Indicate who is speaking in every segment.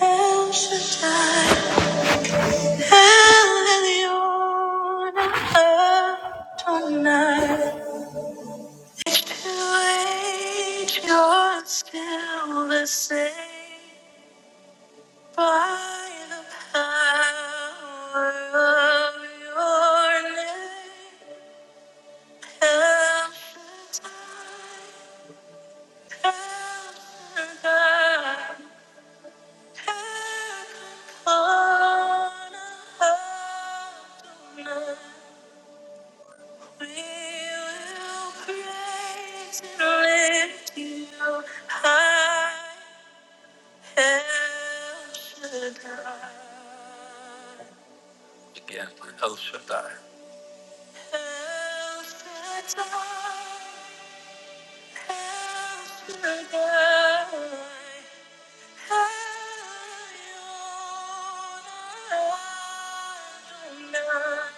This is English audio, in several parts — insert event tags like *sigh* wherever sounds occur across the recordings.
Speaker 1: El Shaddai, El Elyon, Adonai. To age you're still the same by the power of your name. El Shaddai, El Shaddai, Adonai. We will praise and lift you high, El Shaddai. Again, El Shaddai. El Shaddai.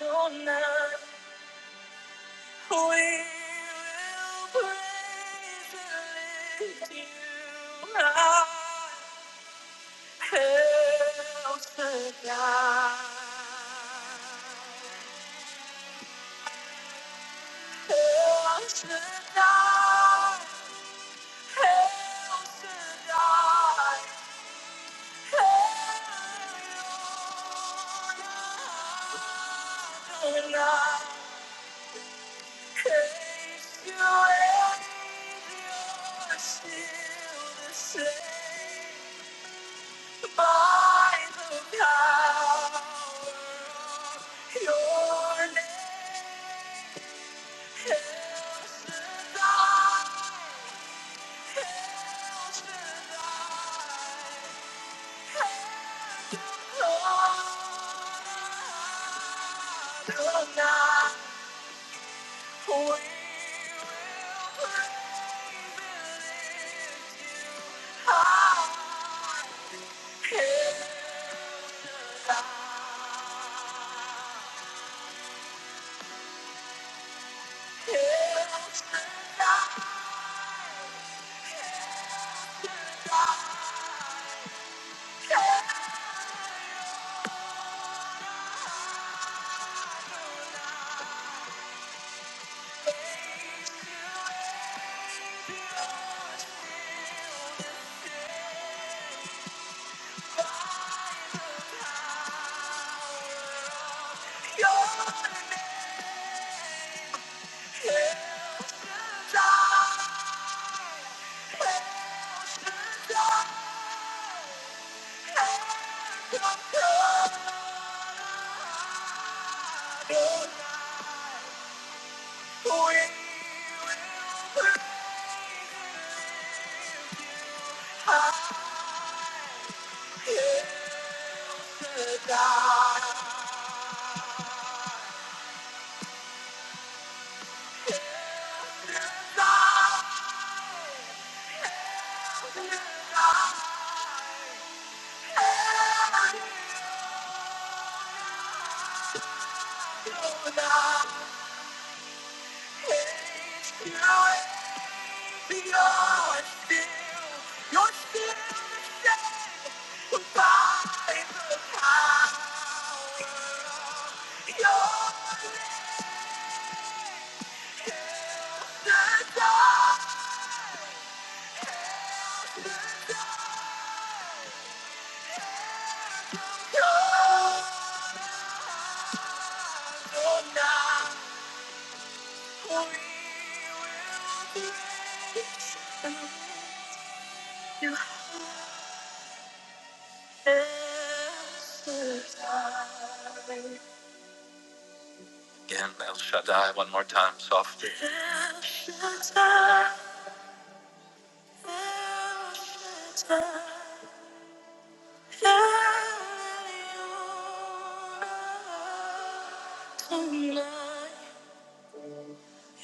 Speaker 1: Don't know. We will praise and lift you high, El Shaddai. El Shaddai. El Shaddai. El Shaddai. Cause you are still the same by the power of your name. El Shaddai, El Shaddai, Adonai. Your name is Die! Oh, no. Again, El Shaddai, one more time, softly. El Shaddai, El Shaddai, El Elyon, tonight.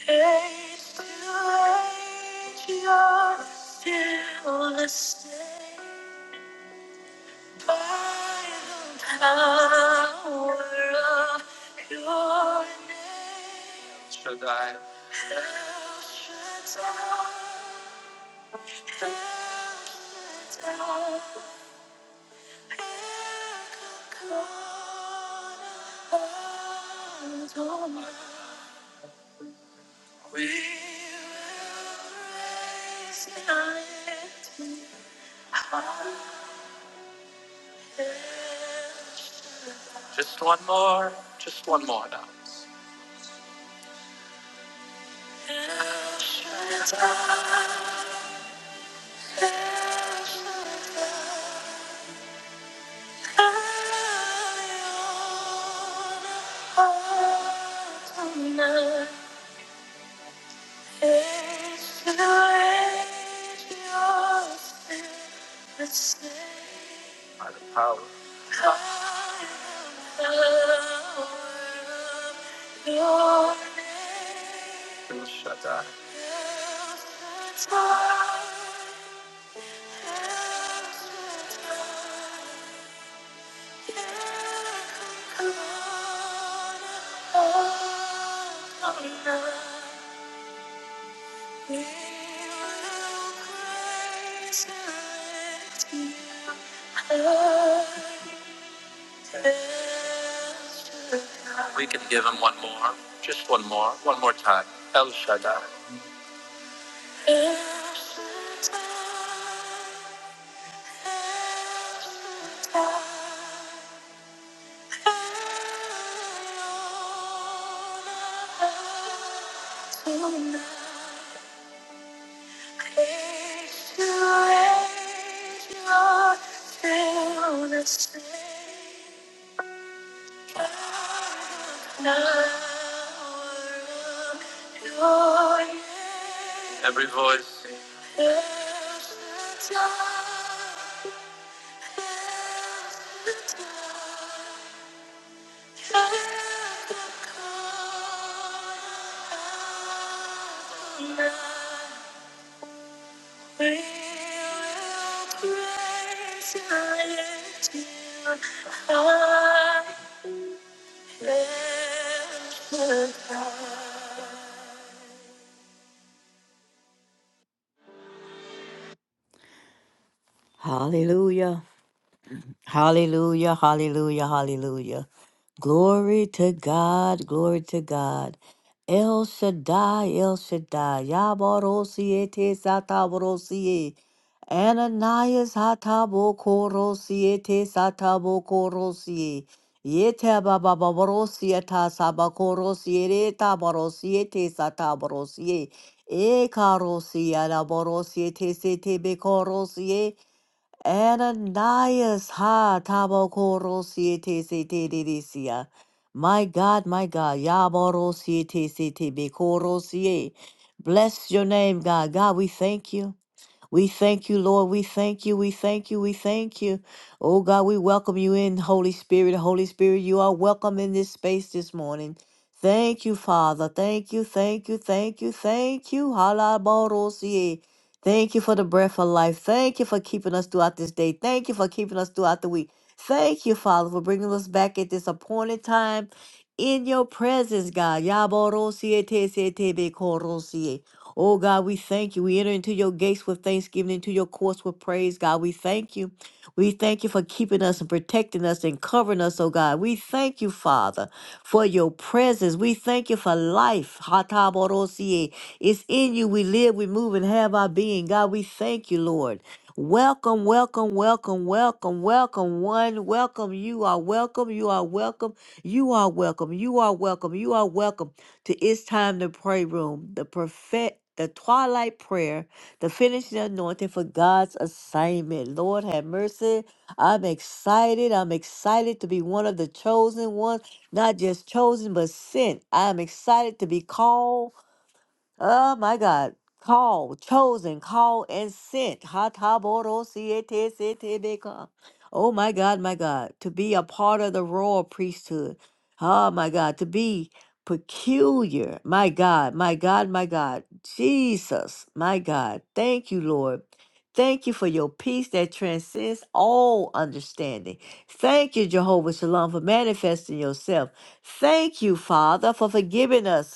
Speaker 1: Age to age, you're still the same. By the power of your name. Shaddai. El Shaddai. El Shaddai. El Shaddai, Adonai. We will raise it. Just one more, just one more now. Tonight. If you raise your spirit, say, By the power. I am the power of your name. Shaddai. Shaddai, We can give him one more, just one more, one more time. El Shaddai. El Shaddai. El Shaddai. El Shaddai. Age to age, you're still the same. By the Power of your name. Every voice. There's the time, there's the time, there's the call of the night. We will praise you until I am forgotten. Hallelujah. Hallelujah, hallelujah, hallelujah. Glory to God, glory to God. El Shaddai, El Shaddai, Yabarosiete Sataborosie, Ananias Hatabokorosie Satabokorosie, Yetabababorosie Tasabakorosie Tabarosiete Sataborosie, Ekarosie Laborosie Tesete Ananias, ha, tabokoro siete siete delicia. My God, my God, yaboro siete siete bekoro sie. Bless your name, God. God, we thank you. We thank you, Lord. We thank you. We thank you. We thank you. Oh God, we welcome you in, Holy Spirit. Holy Spirit, you are welcome in this space this morning. Thank you, Father. Thank you. Thank you. Thank you. Thank you. Halaborosie. Thank you for the breath of life. Thank you for keeping us throughout this day. Thank you for keeping us throughout the week. Thank you, Father, for bringing us back at this appointed time in your presence, God. Yaborosie, tesete, korosie. Oh God, we thank you. We enter into your gates with thanksgiving, into your courts with praise. God, we thank you. We thank you for keeping us and protecting us and covering us, oh God. We thank you, Father, for your presence. We thank you for life. Hatabodosie. It's in you we live, we move, and have our being. God, we thank you, Lord. Welcome, welcome, welcome, welcome, welcome, one. Welcome. You are welcome. You are welcome. You are welcome. You are welcome. You are welcome to It's Time to Pray Room, the perfect the twilight prayer, the finishing anointing for God's assignment. Lord have mercy. I'm excited. I'm excited to be one of the chosen ones, not just chosen, but sent. I'm excited to be called. Oh my God. Call, chosen, call, and sent. Hataboro, Hataborosietesitebeka. Oh my God, my God. To be a part of the royal priesthood. Oh my God. To be peculiar. My God, my God, my God. Jesus, my God. Thank you, Lord. Thank you for your peace that transcends all understanding. Thank you, Jehovah Shalom, for manifesting yourself. Thank you, Father, for forgiving us.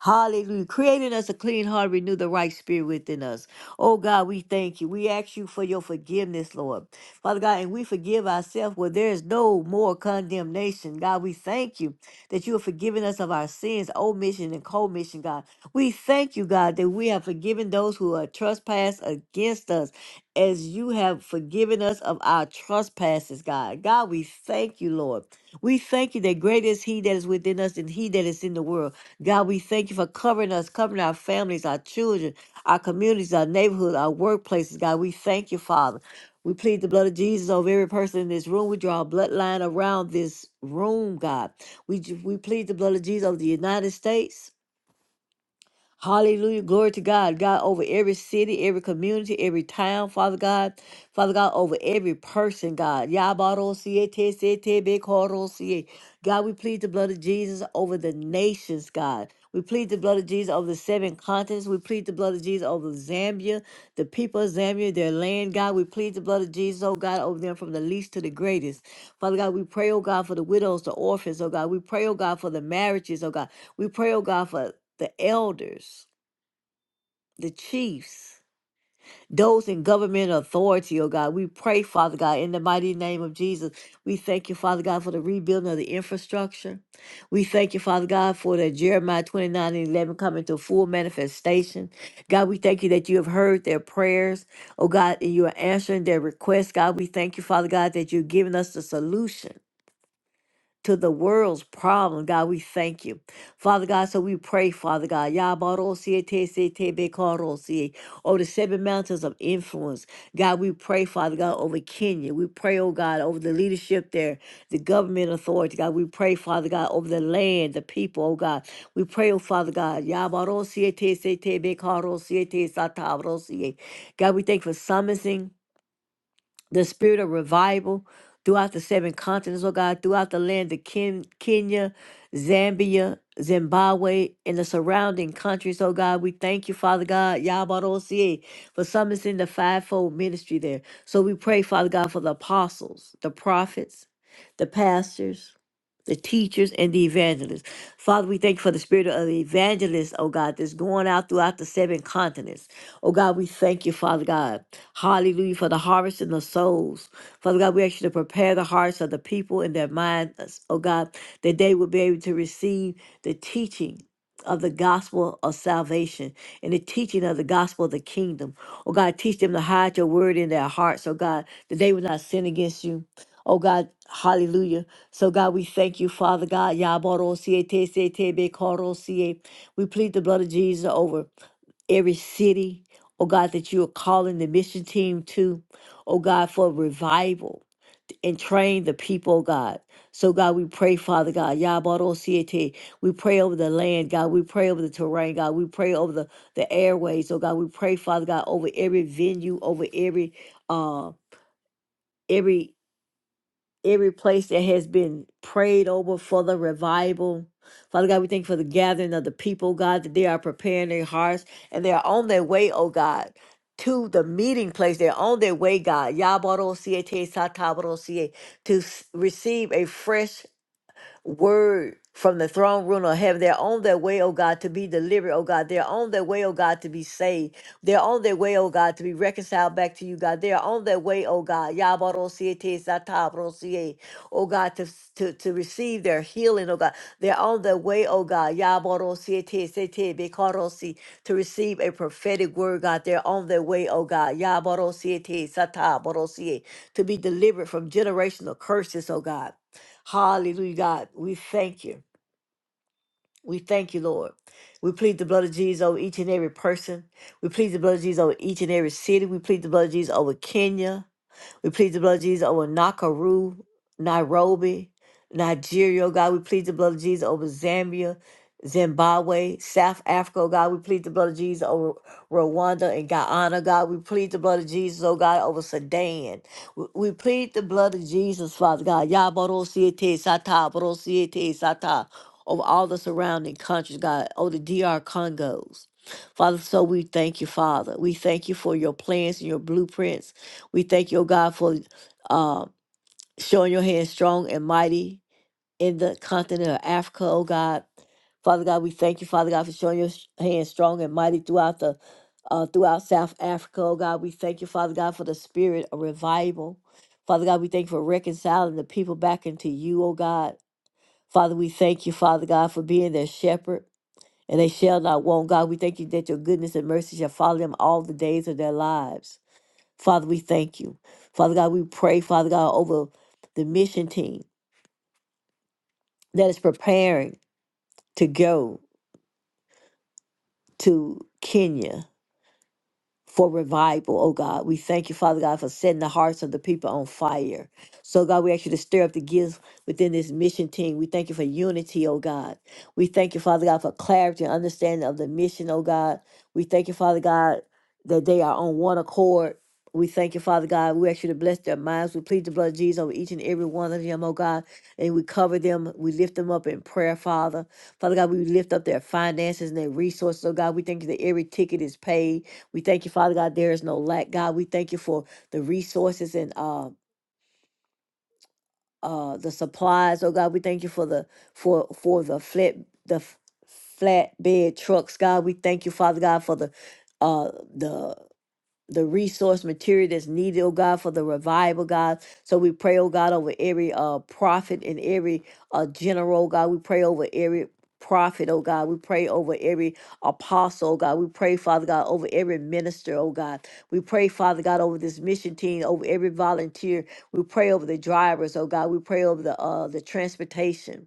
Speaker 1: Hallelujah. Create in us a clean heart, renew the right spirit within us. Oh God, we thank you. We ask you for your forgiveness, Lord. Father God, and we forgive ourselves where there is no more condemnation. God, we thank you that you have forgiven us of our sins, omission and commission, God. We thank you, God, that we have forgiven those who are trespassed against us as you have forgiven us of our trespasses, God. God, we thank you, Lord. We thank you that greater is He that is within us than He that is in the world. God, we thank you for covering us, covering our families, our children, our communities, our neighborhood, our workplaces. God, we thank you, Father. We plead the blood of Jesus over every person in this room. We draw a bloodline around this room, God. We, we plead the blood of Jesus over the United States. Hallelujah. Glory to God. God, over every city, every community, every town, Father God. Father God, over every person, God. Yabaro siete siete bekoro siye. God, we plead the blood of Jesus over the nations, God. We plead the blood of Jesus over the seven continents. We plead the blood of Jesus over Zambia, the people of Zambia, their land, God. We plead the blood of Jesus, oh God, over them from the least to the greatest. Father God, we pray, oh God, for the widows, the orphans, oh God. We pray, oh God, for the marriages, oh God. We pray, oh God, for the elders, the chiefs, those in government authority, oh God. We pray, Father God, in the mighty name of Jesus. We thank you, Father God, for the rebuilding of the infrastructure. We thank you, Father God, for the Jeremiah 29 and 11 coming to full manifestation. God, we thank you that you have heard their prayers, oh God, and you are answering their requests. God, we thank you, Father God, that you're giving us the solution to the world's problem. God, we thank you. Father God, so we pray, Father God, Yabarosie, Tesete, karosie. over the seven mountains of influence. God, we pray, Father God, over Kenya. We pray, oh God, over the leadership there, the government authority. God, we pray, Father God, over the land, the people, oh God. We pray, oh Father God, Yabarosie, Tese, Tebe, karosie Bekarosie, Tesatarosie. God, we thank you for summoning the spirit of revival throughout the seven continents, oh God, throughout the land of Ken- Kenya, Zambia, Zimbabwe, and the surrounding countries, oh God. We thank you, Father God, Yabarosie, for summoning the fivefold ministry there. So we pray, Father God, for the apostles, the prophets, the pastors the teachers and the evangelists. Father, we thank you for the spirit of the evangelists, oh God, that's going out throughout the seven continents. Oh God, we thank you, Father God. Hallelujah for the harvest in the souls. Father God, we ask you to prepare the hearts of the people and their minds, oh God, that they will be able to receive the teaching. Of the gospel of salvation and the teaching of the gospel of the kingdom. Oh God, teach them to hide your word in their hearts, oh God, that they will not sin against you Oh God, hallelujah. So God, we thank you, Father God. Yabarosiye, tesete, bekarosiye. We plead the blood of Jesus over every city, oh God, that you are calling the mission team to, oh God, for revival and train the people, oh, God. So, God, we pray, Father God, Yabarosiete. We pray over the land, God. We pray over the terrain, God. We pray over the, the airways, oh God. We pray, Father God, over every venue, over every uh every every place that has been prayed over for the revival. Father God, we thank you for the gathering of the people, God, that they are preparing their hearts and they are on their way, oh God, to the meeting place. They're on their way, God, Yabarosiete C A, T S A Tabaro C A, to s- receive a fresh word from the throne room of heaven. They're on their way, oh God, to be delivered, oh God. They're on their way, oh God, to be saved. They're on their way, oh God, to be reconciled back to you, God. They're on their way, oh God. Yabarosiete satabrosiye, Oh God, to, to, to receive their healing, oh God. They're on their way, oh God. Yabarosiete setebekarosi, To receive a prophetic word, God. They're on their way, oh God. Yabarosiete satabrosiye, To be delivered from generational curses, oh God. Hallelujah, God. We thank you. We thank you, Lord. We plead the blood of Jesus over each and every person. We plead the blood of Jesus over each and every city. We plead the blood of Jesus over Kenya. We plead the blood of Jesus over Nakuru, Nairobi, Nigeria, oh God. We plead the blood of Jesus over Zambia, Zimbabwe, South Africa, oh God. We plead the blood of Jesus over Rwanda and Guyana, oh God. We plead the blood of Jesus, oh God, over Sudan. We we plead the blood of Jesus, Father God. Yabarosiete Sata, Barosiete Sata, over all the surrounding countries, God, over the DR Congos. Father, so we thank you, Father. We thank you for your plans and your blueprints we thank you, O God, for uh, showing your hand strong and mighty in the continent of Africa, O God. Father God, we thank you, Father God, for showing your sh- hand strong and mighty throughout the uh, throughout South Africa, oh God. We thank you, Father God, for the spirit of revival. Father God, we thank you for reconciling the people back into you, oh God. Father, we thank you, Father God, for being their shepherd, and they shall not want, God. We thank you that your goodness and mercy shall follow them all the days of their lives. Father, we thank you. Father God, we pray, Father God, over the mission team that is preparing to go to Kenya. for revival, oh God. We thank you, Father God, for setting the hearts of the people on fire. So, God, we ask you to stir up the gifts within this mission team. We thank you for unity, oh God. We thank you, Father God, for clarity and understanding of the mission, oh God. We thank you, Father God, that they are on one accord. We thank you, Father God. We ask you to bless their minds. We plead the blood of Jesus over each and every one of them, oh God and we cover them. We lift them up in prayer, Father. Father God, we lift up their finances and their resources. Oh God, we thank you that every ticket is paid. We thank you, Father God, there is no lack. God, we thank you for the resources and uh uh the supplies. Oh God, we thank you for the for for the flat the f- flatbed trucks. God, we thank you, Father God, for the uh the the resource material that's needed, oh God, for the revival, God. So we pray, oh God, over every uh prophet and every uh general, oh God. We pray over every prophet, oh God. We pray over every apostle, oh God. We pray, Father God, over every minister, oh God. We pray, Father God, over this mission team, over every volunteer. We pray over the drivers, oh God. We pray over the uh the transportation.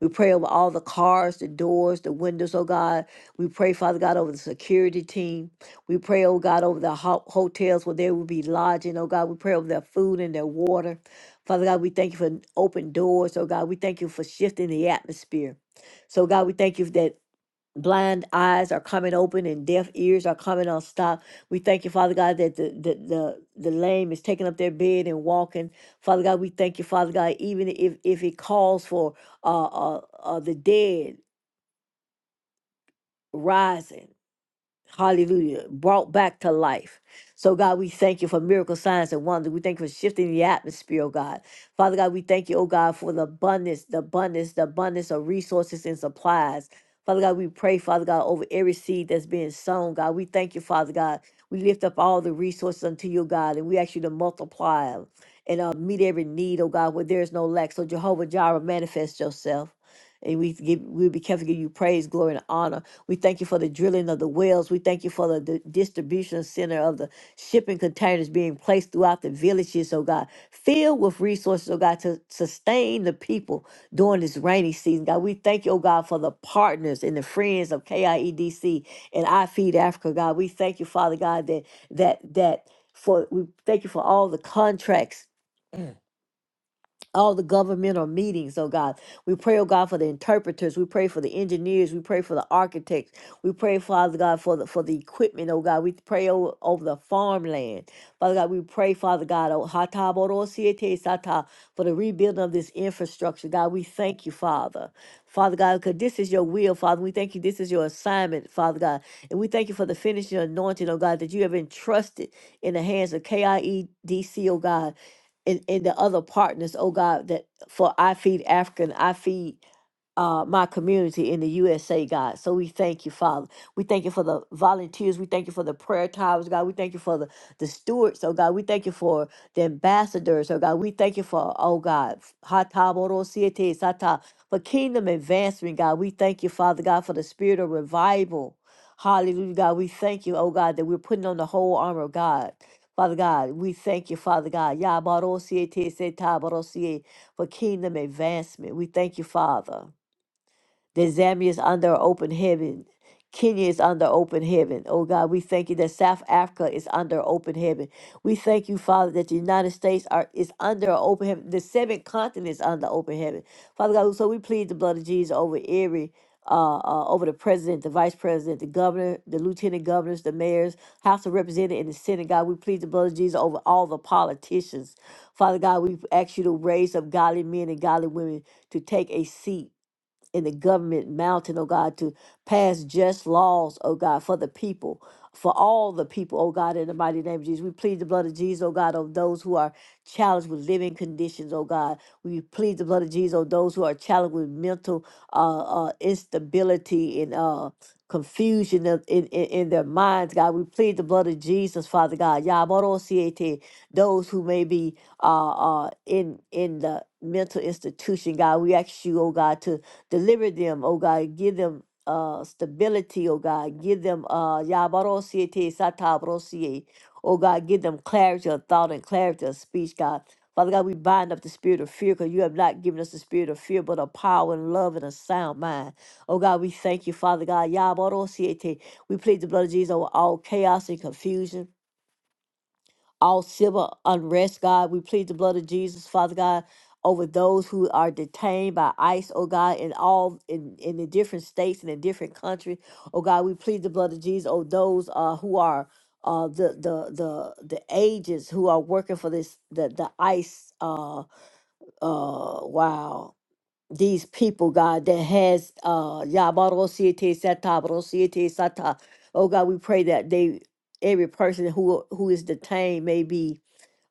Speaker 1: We pray over all the cars, the doors, the windows, oh God. We pray, Father God, over the security team. We pray, oh God, over the ho- hotels where they will be lodging, oh God. We pray over their food and their water. Father God, we thank you for open doors, oh God. We thank you for shifting the atmosphere. So, God, we thank you that blind eyes are coming open and deaf ears are coming unstopped. We thank you, Father God, that the, the the the lame is taking up their bed and walking. Father God, we thank you, Father God, even if if it calls for uh uh, uh the dead rising. Hallelujah. Brought back to life. So, God, we thank you for miracle signs and wonders. We thank you for shifting the atmosphere, oh God. Father God, we thank you, oh God, for the abundance, the abundance, the abundance of resources and supplies. Father God, we pray, Father God, over every seed that's being sown, God. We thank you, Father God. We lift up all the resources unto you, God, and we ask you to multiply 'em and uh, meet every need, oh God, where there is no lack. So, Jehovah Jireh, manifest yourself. And we give, we'll be careful to give you praise, glory, and honor. We thank you for the drilling of the wells. We thank you for the di- distribution center of the shipping containers being placed throughout the villages, oh God, filled with resources, oh God, to sustain the people during this rainy season. God, we thank you, oh God, for the partners and the friends of KIEDC and I Feed Africa, God. We thank you, Father God, that that that for we thank you for all the contracts all the governmental meetings, oh God. We pray, oh God, for the interpreters. We pray for the engineers. We pray for the architects. We pray, Father God, for the for the equipment, oh God. We pray over, over the farmland. Father God, we pray, Father God, oh Hataborosiete Sata, for the rebuilding of this infrastructure. God, we thank you, Father. Father God, because this is your will, Father. We thank you. This is your assignment, Father God. And we thank you for the finishing anointing, oh God, that you have entrusted in the hands of KIEDC, oh God and, and the other partners, oh God, that for I Feed Africa and I Feed uh, my community in the USA, God. So we thank you, Father. We thank you for the volunteers. We thank you for the prayer towers, God. We thank you for the, the stewards, oh God. We thank you for the ambassadors, oh God. We thank you for, oh God, Hatabodosiete Sata, for kingdom advancement, God. We thank you, Father God, for the spirit of revival. Hallelujah, God. We thank you, oh God, that we're putting on the whole armor of God. Father God, we thank you, Father God, Yabarosie Tese Tabarosie, for kingdom advancement. We thank you, Father that Zambia is under open heaven. Kenya is under open heaven. Oh God, we thank you that South Africa is under open heaven. We thank you, Father, that the United States are is under open heaven. The seven continents under open heaven. Father God, so we plead the blood of Jesus over every uh, uh, over the president, the vice president, the governor, the lieutenant governors, the mayors, House of Representatives, and the Senate. God, we plead the blood of Jesus over all the politicians. Father God, we ask you to raise up godly men and godly women to take a seat in the government mountain, oh God, to pass just laws, oh God, for the people, for all the people, oh God, in the mighty name of Jesus. We plead the blood of Jesus, oh God, on those who are challenged with living conditions, oh God. We plead the blood of Jesus on those who are challenged with mental uh, uh, instability and uh, confusion of- in, in, in their minds, God. We plead the blood of Jesus, Father God. Yabarosiete, Those who may be uh, uh, in in the mental institution, God. We ask you, oh God, to Deliver them, oh God. Give them uh, stability, oh God. Give them, uh, Yabarosie te satabarosie. oh God. Give them clarity of thought and clarity of speech, God. Father God, we bind up the spirit of fear because you have not given us the spirit of fear, but of power and love and a sound mind. Oh God, we thank you, Father God. Yabarosie te. We plead the blood of Jesus over all chaos and confusion all civil unrest, God. We plead the blood of Jesus, Father God, over those who are detained by ICE, oh God, in all in, in the different states and in different countries. Oh God, we plead the blood of Jesus over those uh, who are uh, the the the the agents who are working for this the the ICE uh uh wow these people God that has uh Yabaro Siete Sata Baro Siete Sata. Oh God, we pray that they every person who who is detained may be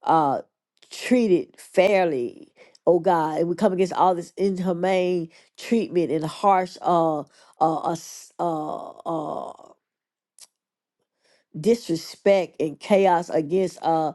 Speaker 1: uh, treated fairly, oh God. And we come against all this inhumane treatment and harsh uh, uh, uh, s- uh, uh, disrespect and chaos against uh,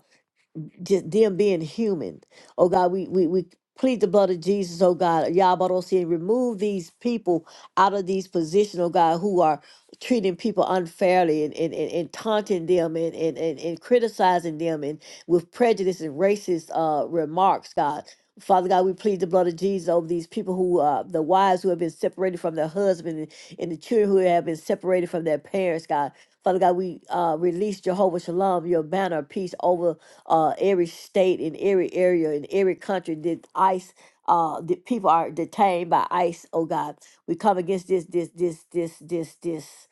Speaker 1: just them being human. Oh God, we we we plead the blood of Jesus, oh God, Yabarosi, and remove these people out of these positions, oh God, who are treating people unfairly and, and, and, and taunting them and, and, and, and criticizing them and with prejudice and racist uh remarks, God. Father God, we plead the blood of Jesus over these people who uh, the wives who have been separated from their husband and, and the children who have been separated from their parents, God. Father God, we uh, release Jehovah Shalom, your banner of peace over uh, every state and every area and every country that ICE, uh, that people are detained by ICE, oh God. We come against this, this, this, this, this, this,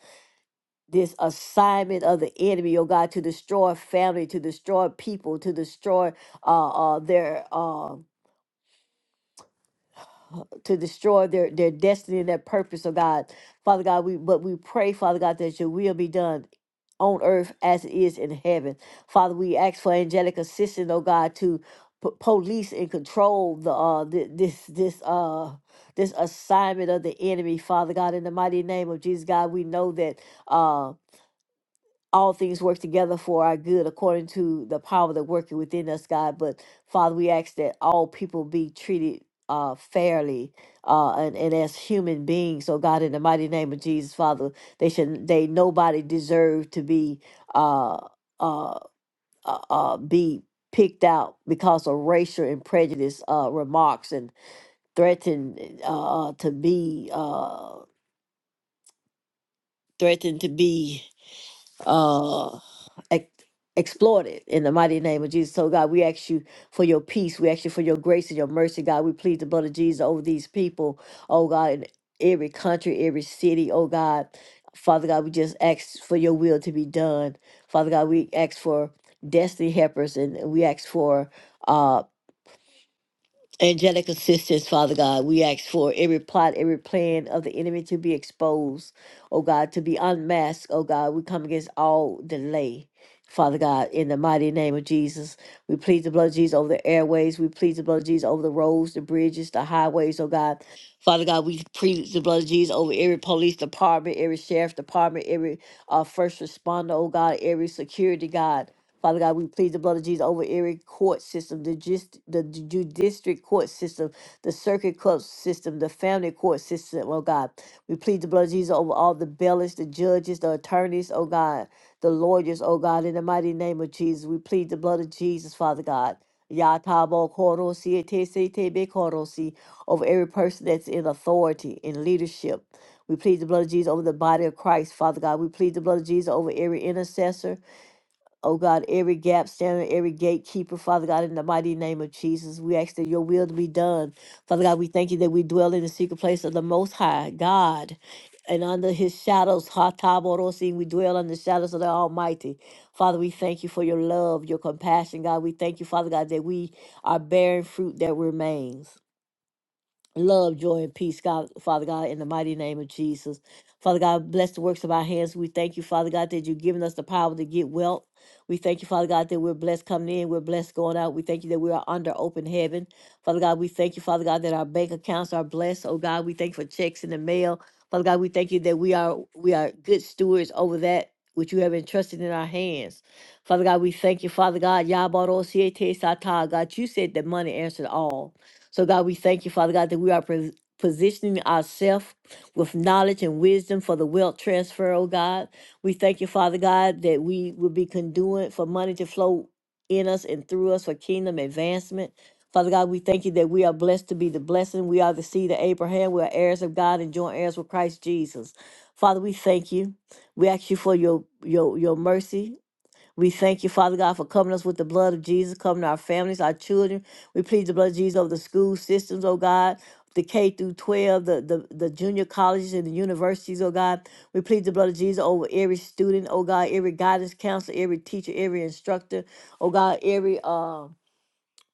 Speaker 1: this assignment of the enemy, oh God, to destroy family, to destroy people, to destroy uh, uh, their. Uh, to destroy their, their destiny and their purpose, oh God. Father God, we but we pray, Father God, that your will be done on earth as it is in heaven. Father, we ask for angelic assistance, oh God, to po- police and control the uh thi- this this uh this assignment of the enemy, Father God, in the mighty name of Jesus, God, we know that um all things work together for our good according to the power that working within us, God. But Father, we ask that all people be treated uh, fairly uh, and, and as human beings. So God, in the mighty name of Jesus, Father, they should they nobody deserve to be uh, uh, uh, uh, be picked out because of racial and prejudice uh, remarks and threatened uh, to be uh, threatened to be. uh ex- exploited in the mighty name of Jesus. So God, we ask you for your peace. We ask you for your grace and your mercy, God. We plead the blood of Jesus over these people, oh God, in every country, every city, oh God. Father God, we just ask for your will to be done. Father God, we ask for destiny helpers and we ask for uh, angelic assistance, Father God. We ask for every plot, every plan of the enemy to be exposed, oh God, to be unmasked, oh God. We come against all delay, Father God, in the mighty name of Jesus. We plead the blood of Jesus over the airways. We plead the blood of Jesus over the roads, the bridges, the highways, oh God. Father God, we plead the blood of Jesus over every police department, every sheriff department, every uh, first responder, oh God, every security God. Father God, we plead the blood of Jesus over every court system, the just the ju- district court system, the circuit court system, the family court system, oh God. We plead the blood of Jesus over all the bailiffs, the judges, the attorneys, oh God the lawyers, oh God, in the mighty name of Jesus. We plead the blood of Jesus, Father God. Yatabo korosi etese tebe korosi over every person that's in authority, in leadership. We plead the blood of Jesus over the body of Christ, Father God. We plead the blood of Jesus over every intercessor. Oh God, every gap standing, every gatekeeper, Father God, in the mighty name of Jesus, we ask that your will to be done. Father God, we thank you that we dwell in the secret place of the Most High God. And under his shadows, Ha Hataborosi, we dwell under the shadows of the Almighty. Father, we thank you for your love, your compassion, God. We thank you, Father God, that we are bearing fruit that remains love, joy, and peace, God, Father God, in the mighty name of Jesus. Father God, bless the works of our hands. We thank you, Father God, that you've given us the power to get wealth. We thank you, Father God, that we're blessed coming in, we're blessed going out. We thank you that we are under open heaven. Father God, we thank you, Father God, that our bank accounts are blessed. Oh God, we thank you for checks in the mail. Father God, we thank you that we are we are good stewards over that which you have entrusted in our hands. Father God, we thank you, Father God. Yabaro siete sata. God, you said that money answered all. So, God, we thank you, Father God, that we are pos- positioning ourselves with knowledge and wisdom for the wealth transfer, oh God. We thank you, Father God, that we will be conduit for money to flow in us and through us for kingdom advancement. Father God, we thank you that we are blessed to be the blessing. We are the seed of Abraham. We are heirs of God and joint heirs with Christ Jesus. Father, we thank you. We ask you for your your your mercy we thank you, Father God, for covering us with the blood of Jesus, covering our families, our children. We plead the blood of Jesus over the school systems, oh God. The K through 12, the, the, the junior colleges and the universities, oh God. We plead the blood of Jesus over every student, oh God, every guidance counselor, every teacher, every instructor, oh God, every um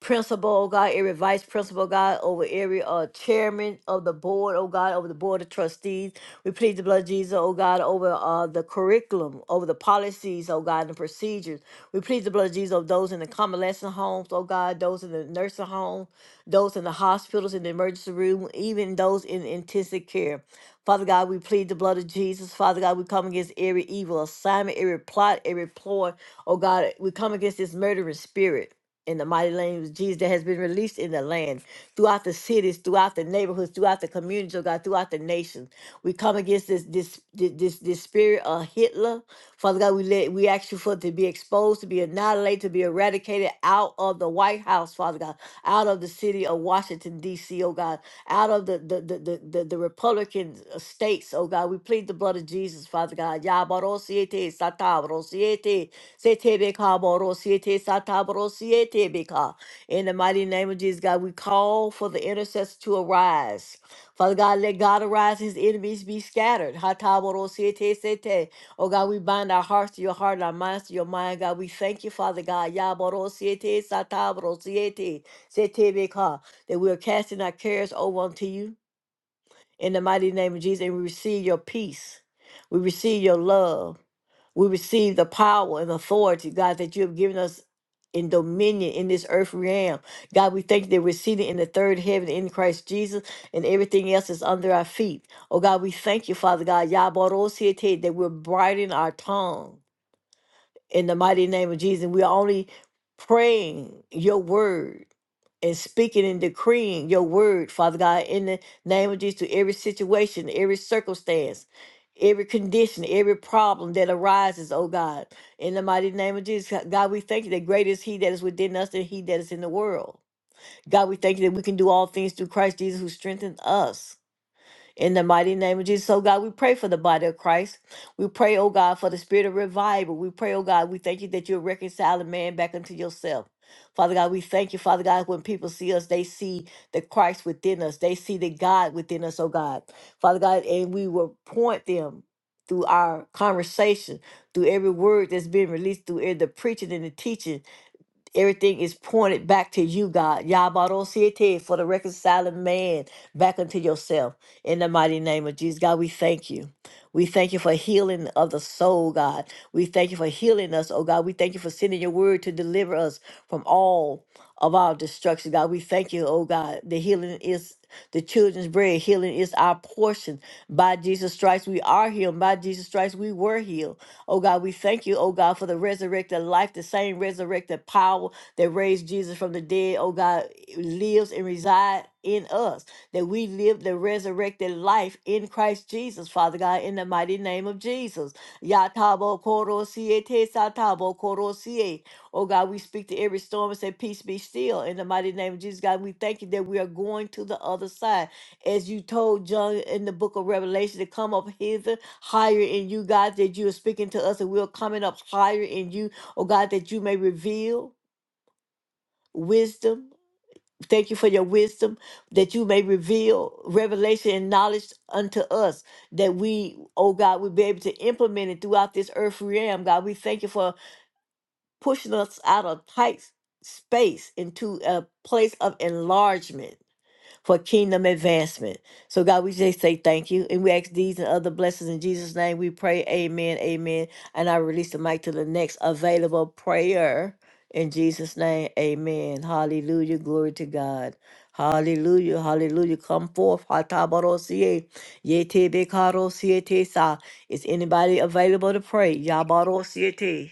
Speaker 1: principal, oh God, every vice principal, oh God, over every uh, chairman of the board, oh God, over the board of trustees. We plead the blood of Jesus, oh God, over uh, the curriculum, over the policies, oh God, and the procedures. We plead the blood of Jesus over those in the convalescent homes, oh God, those in the nursing home, those in the hospitals, in the emergency room, even those in intensive care. Father God, we plead the blood of Jesus. Father God, we come against every evil assignment, every plot, every ploy. Oh God, we come against this murdering spirit in the mighty name of Jesus that has been released in the land, throughout the cities, throughout the neighborhoods, throughout the communities, oh God, throughout the nations. We come against this this this this, this spirit of Hitler. Father God, we let we ask you for it to be exposed, to be annihilated, to be eradicated out of the of the White House, Father God, out of the city of Washington, D.C., oh God, out of the the, the, the, the, the Republican uh, states, oh God. We plead the blood of Jesus, Father God. Yabarosiete, Satabrosiete, Setebecaborosiete, Satabrosiete, Beka. In the mighty name of Jesus, God, we call for the intercessor to arise. Father God, let God arise, his enemies be scattered. Hataborosiete sete. Oh God, we bind our hearts to your heart and our minds to your mind. God, we thank you, Father God. Yabarosiete satabrosiete setebeka, That we are casting our cares over unto you in the mighty name of Jesus and we receive your peace. We receive your love we receive the power and authority, God, that you have given us in dominion in this earth realm. God, we thank you that we're seated in the third heaven in Christ Jesus, and everything else is under our feet. Oh God, we thank you, Father God, Yabarosiete, that we're brightening our tongue in the mighty name of Jesus. We are only praying your word and speaking and decreeing your word, Father God, in the name of Jesus, to every situation, every circumstance, every condition, every problem that arises, oh God. In the mighty name of Jesus, God, we thank you that greater is He that is within us than He that is in the world. God, we thank you that we can do all things through Christ Jesus who strengthens us. In the mighty name of Jesus, oh God, we pray for the body of Christ. We pray, oh God, for the spirit of revival. We pray, oh God, we thank you that you're reconciling man back unto yourself. Father God, we thank you, Father God, when people see us, they see the Christ within us. They see the God within us, oh God. Father God, and we will point them through our conversation, through every word that's been released, through every- the preaching and the teaching. Everything is pointed back to you, God. Yabarosiete for the reconciling man back unto yourself. In the mighty name of Jesus, God, we thank you. We thank you for healing of the soul, God. We thank you for healing us, oh God. We thank you for sending your word to deliver us from all of our destruction, God. We thank you, oh God. The healing is the children's bread. Healing is our portion. By Jesus Christ, we are healed. By Jesus Christ, we were healed. Oh God, we thank you, oh God, for the resurrected life, the same resurrected power that raised Jesus from the dead, oh God, lives and resides in us. That we live the resurrected life in Christ Jesus, Father God, in the mighty name of Jesus. Yatabo Koro Siete Satabo Koro sie. Oh God, we speak to every storm and say, Peace be still. In the mighty name of Jesus, God, we thank you that we are going to the other side. As you told John in the book of Revelation to come up hither, higher in you, God, that you are speaking to us and we're coming up higher in you. Oh God, that you may reveal wisdom. Thank you for your wisdom that you may reveal revelation and knowledge unto us that we, oh God, would be able to implement it throughout this earth realm. God, we thank you for pushing us out of tight space into a place of enlargement for kingdom advancement. So, God, we just say thank you. And we ask these and other blessings in Jesus' name. We pray, Amen, Amen. And I release the mic to the next available prayer in Jesus' name. Amen. Hallelujah. Glory to God. Hallelujah, hallelujah. Come forth. Hatabarosie. Yete bekaro Is anybody available to pray? Yabarosie. te.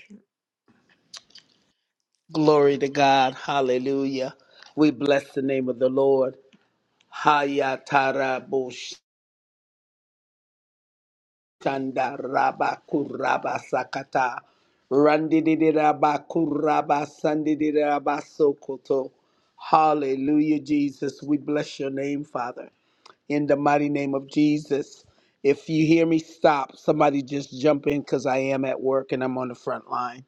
Speaker 2: Glory to God. Hallelujah. We bless the name of the Lord. Hayatarabushtanda rabakuraba sakata. Randidirabakuraba sandidirabasokoto. Hallelujah, Jesus. We bless your name, Father. in the mighty name of Jesus. If you hear me stop, somebody just jump in because I am at work and I'm on the front line,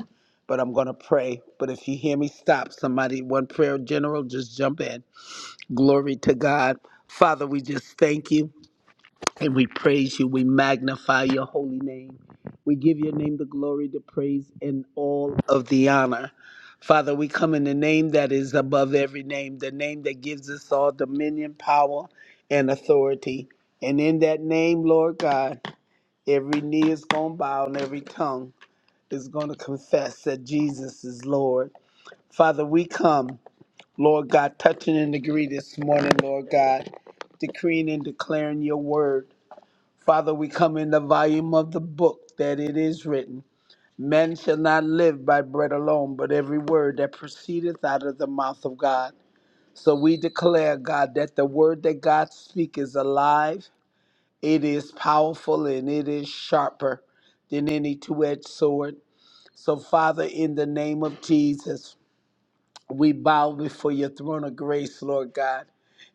Speaker 2: but I'm going to pray. But if you hear me stop, somebody, one prayer general, just jump in. Glory to God. Father, we just thank you. And we praise you. We magnify your holy name. We give your name the glory, the praise, and all of the honor. Father, we come in the name that is above every name, the name that gives us all dominion, power, and authority. And in that name, Lord God, every knee is going to bow and every tongue is going to confess that Jesus is Lord. Father, we come, Lord God, touching and agree this morning, Lord God, decreeing and declaring your word. Father, we come in the volume of the book that it is written Man shall not live by bread alone, but every word that proceedeth out of the mouth of God. So we declare, God, that the word that God speaks is alive, it is powerful, and it is sharper than any two edged sword. So, Father, in the name of Jesus, we bow before your throne of grace, Lord God,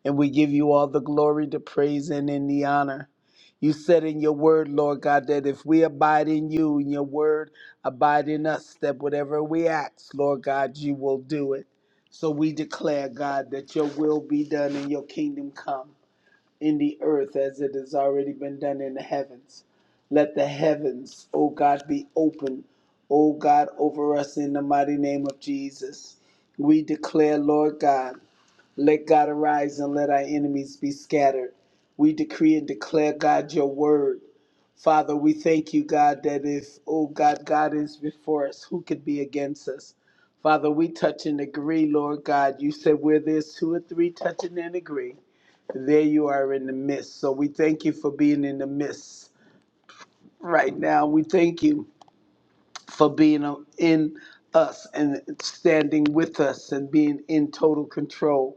Speaker 2: and we give you all the glory, the praise, and in the honor. You said in your word, Lord God, that if we abide in you and your word abide in us, that whatever we ask, Lord God, you will do it. So we declare, God, that your will be done and your kingdom come in the earth as it has already been done in the heavens. Let the heavens, O God, be open, O God, over us in the mighty name of Jesus. We declare, Lord God, let God arise and let our enemies be scattered. We decree and declare, God, your word. Father, we thank you, God, that if, oh God, God is before us, who could be against us? Father, we touch and agree, Lord God. You said where there's two or three touching and agree, there you are in the midst. So we thank you for being in the midst right now. We thank you for being uh, in us and standing with us and being in total control,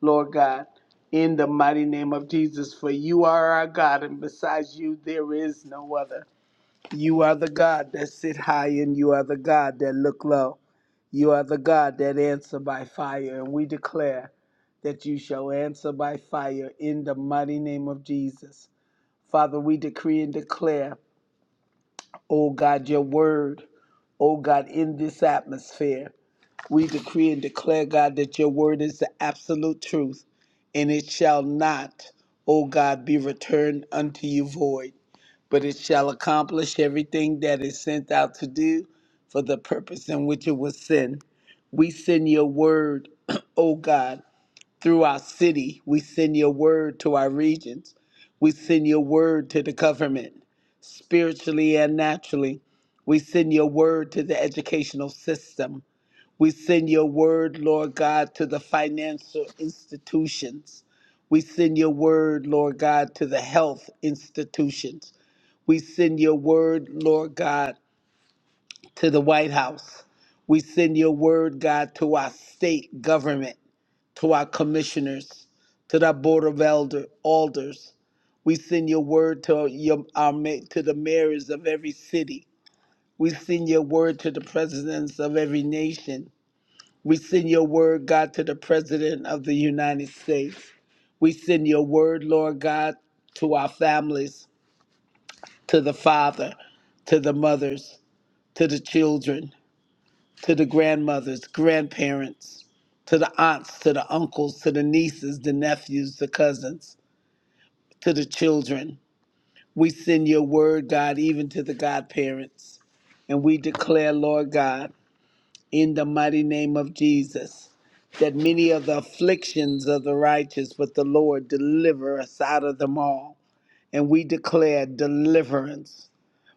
Speaker 2: Lord God, in the mighty name of Jesus. For you are our God, and besides you, there is no other. You are the God that sit high, and you are the God that look low. You are the God that answer by fire, and we declare that you shall answer by fire in the mighty name of Jesus. Father, we decree and declare, O God, your word Oh God, in this atmosphere, we decree and declare, God, that your word is the absolute truth, and it shall not, O God, be returned unto you void, but it shall accomplish everything that is sent out to do for the purpose in which it was sent. We send your word, *clears throat* O God, through our city. We send your word to our regions. We send your word to the government, spiritually and naturally. We send your word to the educational system. We send your word, Lord God, to the financial institutions. We send your word, Lord God, to the health institutions. We send your word, Lord God, to the White House. We send your word, God, to our state government to our commissioners, to that board of elder alders. We send your word to your our ma- to the mayors of every city. We send your word to the presidents of every nation. We send your word, God, to the president of the United States. We send your word, Lord God, to our families, to the father, to the mothers, to the children to the grandmothers, grandparents, to the aunts, to the uncles, to the nieces, the nephews, the cousins, to the children. We send your word, God, even to the godparents. And we declare, Lord God, in the mighty name of Jesus, that many of the afflictions of the righteous, but the Lord deliver us out of them all. And we declare deliverance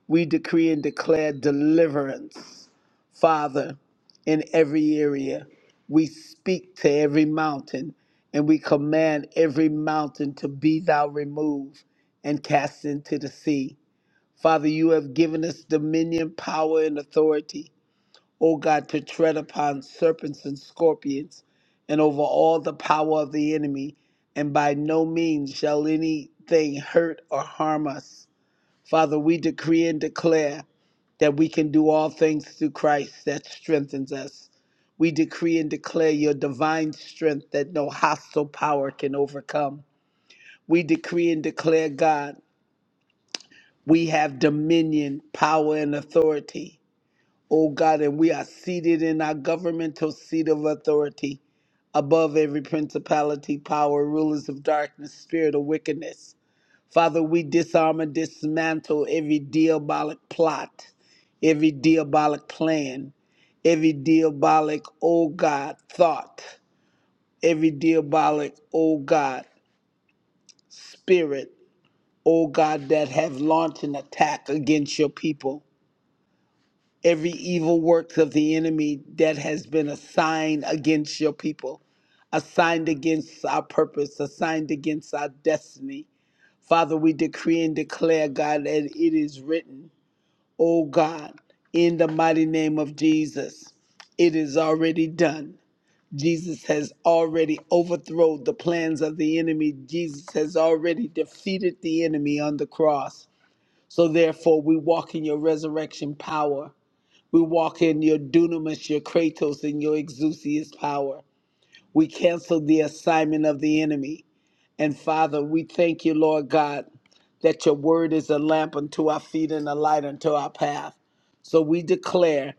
Speaker 2: we decree and declare deliverance, Father, in every area. We speak to every mountain and we command every mountain to be thou removed and cast into the sea. Father, you have given us dominion, power, and authority, O God, to tread upon serpents and scorpions and over all the power of the enemy, and by no means shall anything hurt or harm us. Father, we decree and declare that we can do all things through Christ that strengthens us. We decree and declare your divine strength that no hostile power can overcome. We decree and declare, God, we have dominion, power, and authority. Oh God, and we are seated in our governmental seat of authority above every principality, power, rulers of darkness, spirit of wickedness. Father, we disarm and dismantle every diabolic plot, every diabolic plan, every diabolic, oh God, thought, every diabolic, oh God, spirit, oh God, that have launched an attack against your people. Every evil works of the enemy that has been assigned against your people assigned against our purpose, assigned against our destiny. Father, we decree and declare, God, that it is written. O God, in the mighty name of Jesus. It is already done. Jesus has already overthrown the plans of the enemy. Jesus has already defeated the enemy on the cross. So therefore, we walk in your resurrection power. We walk in your dunamis, your kratos, and your exousias power. We cancel the assignment of the enemy. And Father, we thank you, Lord God, that your word is a lamp unto our feet and a light unto our path. So we declare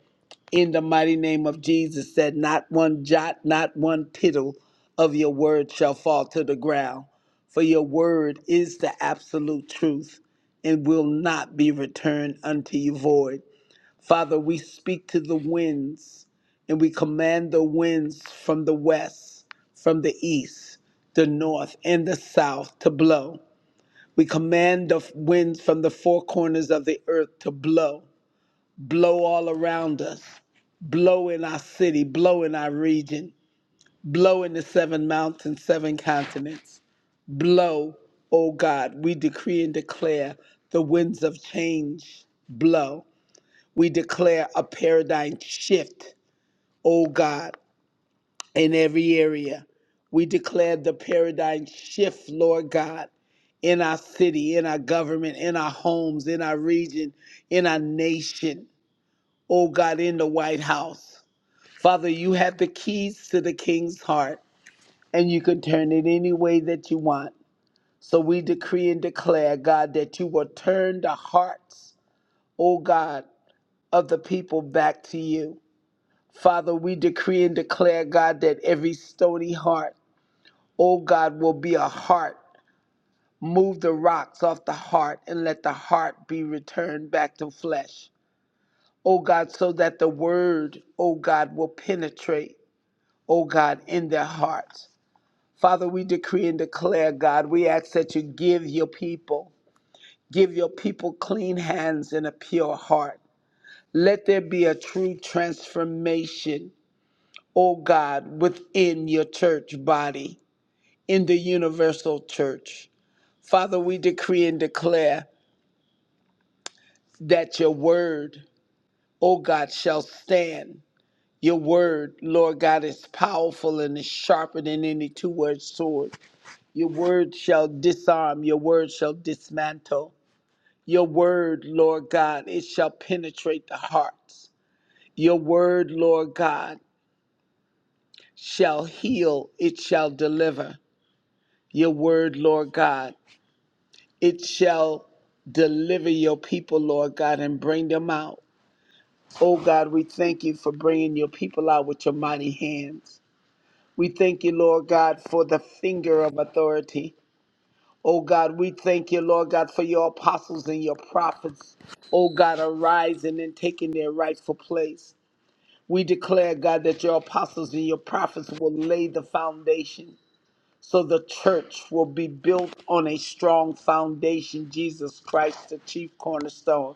Speaker 2: in the mighty name of Jesus that not one jot, not one tittle of your word shall fall to the ground. For your word is the absolute truth and will not be returned unto you void. Father, we speak to the winds and we command the winds from the west, from the east, the north, and the south to blow. We command the winds from the four corners of the earth to blow, blow all around us, blow in our city, blow in our region, blow in the seven mountains, seven continents. Blow, O God, we decree and declare the winds of change blow. We declare a paradigm shift, oh God, in every area. We declare the paradigm shift, Lord God, in our city, in our government, in our homes, in our region, in our nation, oh God, in the White House. Father, you have the keys to the king's heart, and you can turn it any way that you want. So we decree and declare, God, that you will turn the hearts, oh God, of the people back to you Father, we decree and declare, God, that every stony heart, oh God, will be a heart. Move the rocks off the heart and let the heart be returned back to flesh. Oh God, so that the word, oh God, will penetrate, oh God, in their hearts. Father, we decree and declare, God, we ask that you give your people, give your people clean hands and a pure heart. Let there be a true transformation, oh God, within your church body. in the universal church. Father, we decree and declare that your word, O God, shall stand. Your word, Lord God, is powerful and is sharper than any two edged sword. Your word shall disarm, your word shall dismantle. Your word, Lord God, it shall penetrate the hearts. Your word, Lord God, shall heal, it shall deliver. Your word, Lord God, it shall deliver your people, Lord God, and bring them out. Oh God, we thank you for bringing your people out with your mighty hands. We thank you, Lord God, for the finger of authority. Oh God, we thank you, Lord God, for your apostles and your prophets. Oh God, arising and taking their rightful place. We declare, God, that your apostles and your prophets will lay the foundation. So the church will be built on a strong foundation, Jesus Christ, the chief cornerstone,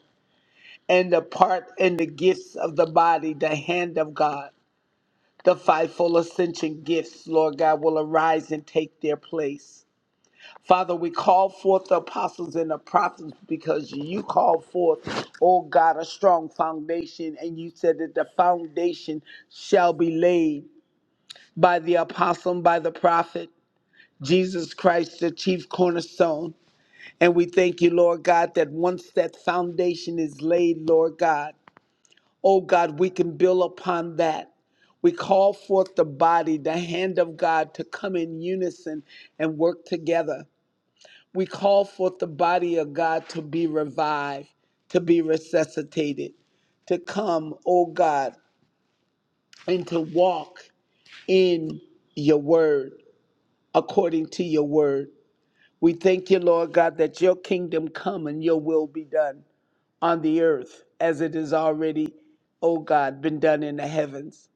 Speaker 2: and the part and the gifts of the body, the hand of God. The fivefold ascension gifts, Lord God, will arise and take their place. Father, we call forth the apostles and the prophets because you called forth, oh God, a strong foundation, and you said that the foundation shall be laid by the apostle and by the prophet. Jesus Christ, the chief cornerstone. And we thank you, Lord God, that once that foundation is laid, Lord God, oh God, we can build upon that. We call forth the body, the hand of God, to come in unison and work together. We call forth the body of God to be revived, to be resuscitated, to come, oh God, and to walk in your word, according to your word. We thank you, Lord God, that your kingdom come and your will be done on the earth as it is already, oh God, been done in the heavens.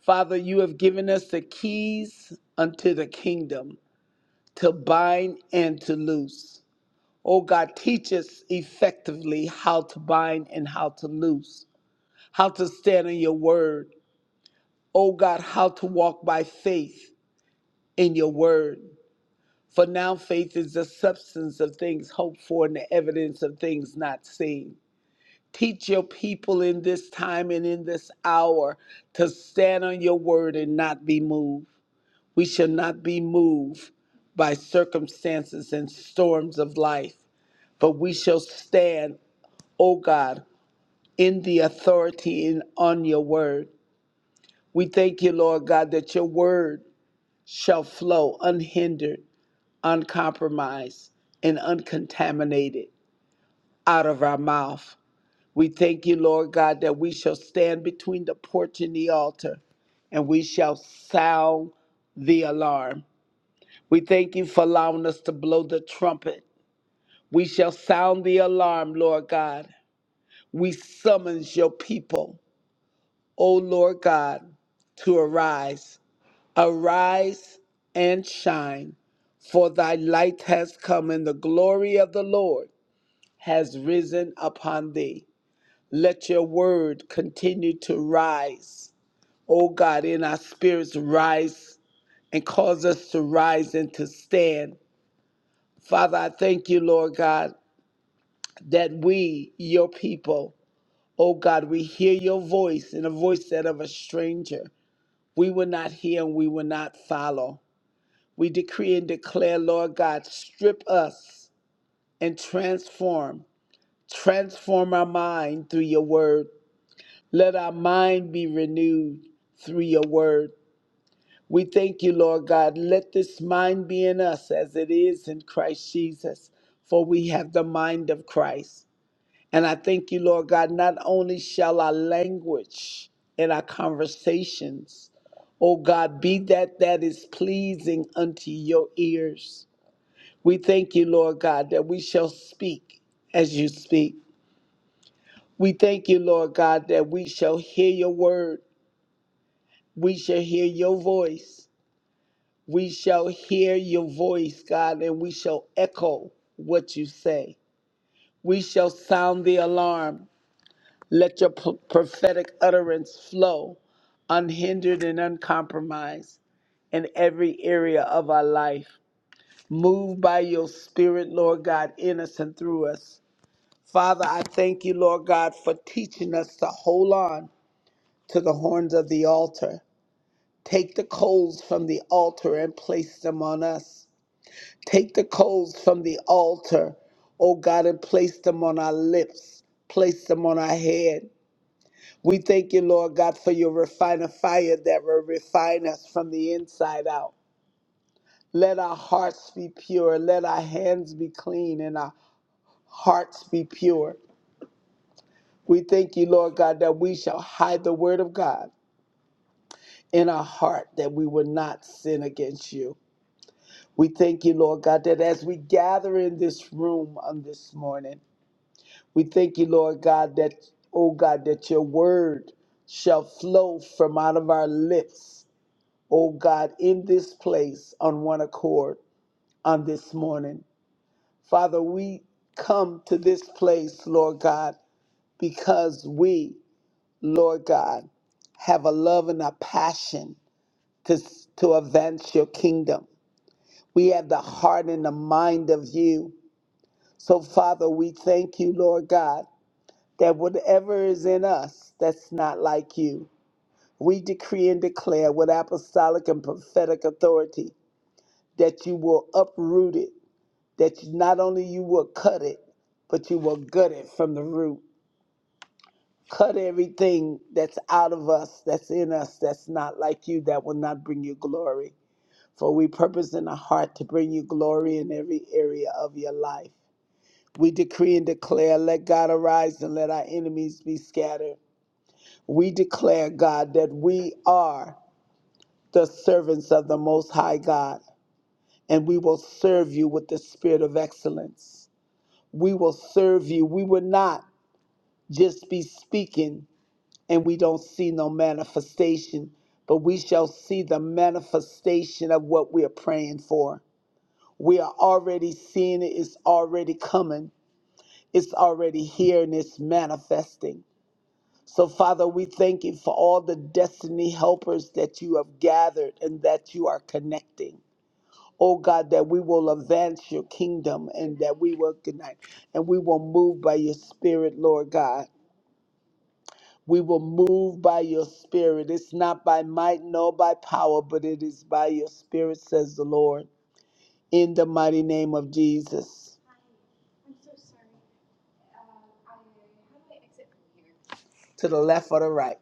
Speaker 2: Father, you have given us the keys unto the kingdom to bind and to loose. Oh God, teach us effectively how to bind and how to loose, how to stand on your word. Oh God, how to walk by faith in your word. For now, faith is the substance of things hoped for and the evidence of things not seen. Teach your people in this time and in this hour to stand on your word and not be moved. We shall not be moved by circumstances and storms of life, but we shall stand, O God, in the authority and on your word. We thank you, Lord God, that your word shall flow unhindered uncompromised, and uncontaminated out of our mouth. We thank you, Lord God, that we shall stand between the porch and the altar and we shall sound the alarm. We thank you for allowing us to blow the trumpet. We shall sound the alarm, Lord God. We summons your people, O Lord God, to arise. Arise and shine, for thy light has come, and the glory of the Lord has risen upon thee. Let your word continue to rise. O God, in our spirits, rise and cause us to rise and to stand. Father, I thank you, Lord God, that we, your people, O God, we hear your voice and a voice that of a stranger. We will not hear and we will not follow. We decree and declare, Lord God, strip us and transform. Transform our mind through your word. Let our mind be renewed through your word. We thank you, Lord God. Let this mind be in us as it is in Christ Jesus, for we have the mind of Christ. And I thank you, Lord God, not only shall our language and our conversations, oh God, be that that is pleasing unto your ears. We thank you, Lord God, that we shall speak as you speak. We thank you, Lord God, that we shall hear your word We shall hear your voice. We shall hear your voice, God, and we shall echo what you say. We shall sound the alarm. Let your p- prophetic utterance flow unhindered and uncompromised in every area of our life. Move by your spirit, Lord God, in us and through us. Father, I thank you, Lord God, for teaching us to hold on to the horns of the altar Take the coals from the altar and place them on us. Take the coals from the altar, O God, and place them on our lips, place them on our head. We thank you, Lord God, for your refiner fire that will refine us from the inside out. Let our hearts be pure. Let our hands be clean and our hearts be pure. We thank you, Lord God, that we shall hide the word of God in our heart that we will not sin against you. We thank you, Lord God, that as we gather in this room on this morning, we thank you, Lord God, that, oh God, that your word shall flow from out of our lips, oh God, in this place on one accord on this morning. Father, we come to this place, Lord God, because we, Lord God, have a love and a passion to, to advance your kingdom. We have the heart and the mind of you. So, Father, we thank you, Lord God, that whatever is in us that's not like you, we decree and declare with apostolic and prophetic authority that you will uproot it, that you, not only you will cut it, but you will gut it from the root. Cut everything that's out of us, that's in us, that's not like you, that will not bring you glory. For we purpose in our heart to bring you glory in every area of your life. We decree and declare, let God arise and let our enemies be scattered. We declare, God, that we are the servants of the Most High God, and we will serve you with the spirit of excellence. We will serve you. We will not just be speaking and we don't see no manifestation, but we shall see the manifestation of what we are praying for. We are already seeing it, it's already coming, it's already here, and it's manifesting. So, Father, we thank you for all the destiny helpers that you have gathered and that you are connecting. Oh God, that we will advance your kingdom and that we will connect and we will move by your spirit, Lord God. We will move by your spirit. It's not by might nor by power, but it is by your spirit, says the Lord. In the mighty name of Jesus. To the left or the right.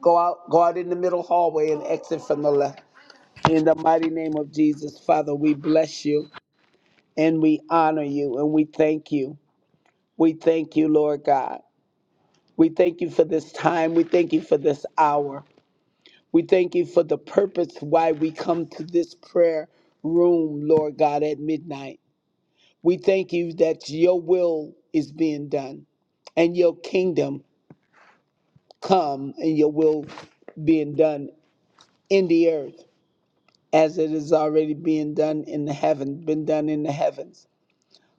Speaker 2: Go out, go out in the middle hallway and exit from the left. In the mighty name of Jesus, Father, we bless you and we honor you and we thank you. We thank you, Lord God. We thank you for this time. We thank you for this hour. We thank you for the purpose why we come to this prayer room, Lord God, at midnight. We thank you that your will is being done and your kingdom come and your will being done in the earth as it is already being done in the heaven, been done in the heavens.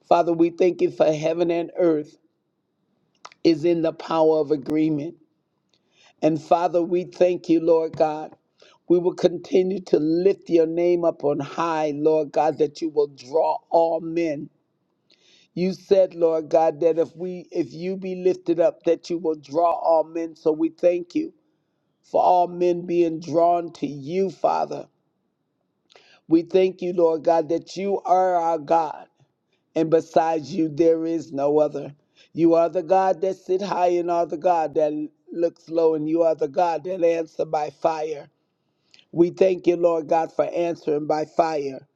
Speaker 2: Father, we thank you for heaven and earth is in the power of agreement. And Father, we thank you, Lord God. We will continue to lift your name up on high, Lord God, that you will draw all men. You said, Lord God, that if we if you be lifted up, that you will draw all men. So we thank you for all men being drawn to you, Father. We thank you, Lord God, that you are our God. and besides you there is no other. You are the God that sit high and are the God that looks low, and you are the God that answer by fire. We thank you, Lord God, for answering by fire.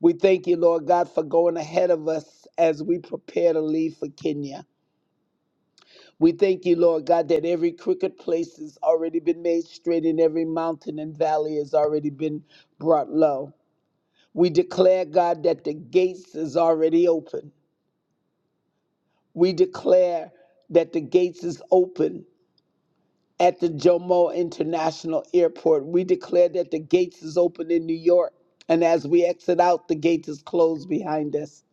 Speaker 2: We thank you, Lord God, for going ahead of us as we prepare to leave for Kenya. We thank you, Lord God, that every crooked place has already been made straight and every mountain and valley has already been brought low. We declare, God, that the gates is already open. we declare that the gates is open at the Jomo International Airport. We declare that the gates is open in New York. And as we exit out, the gate is closed behind us.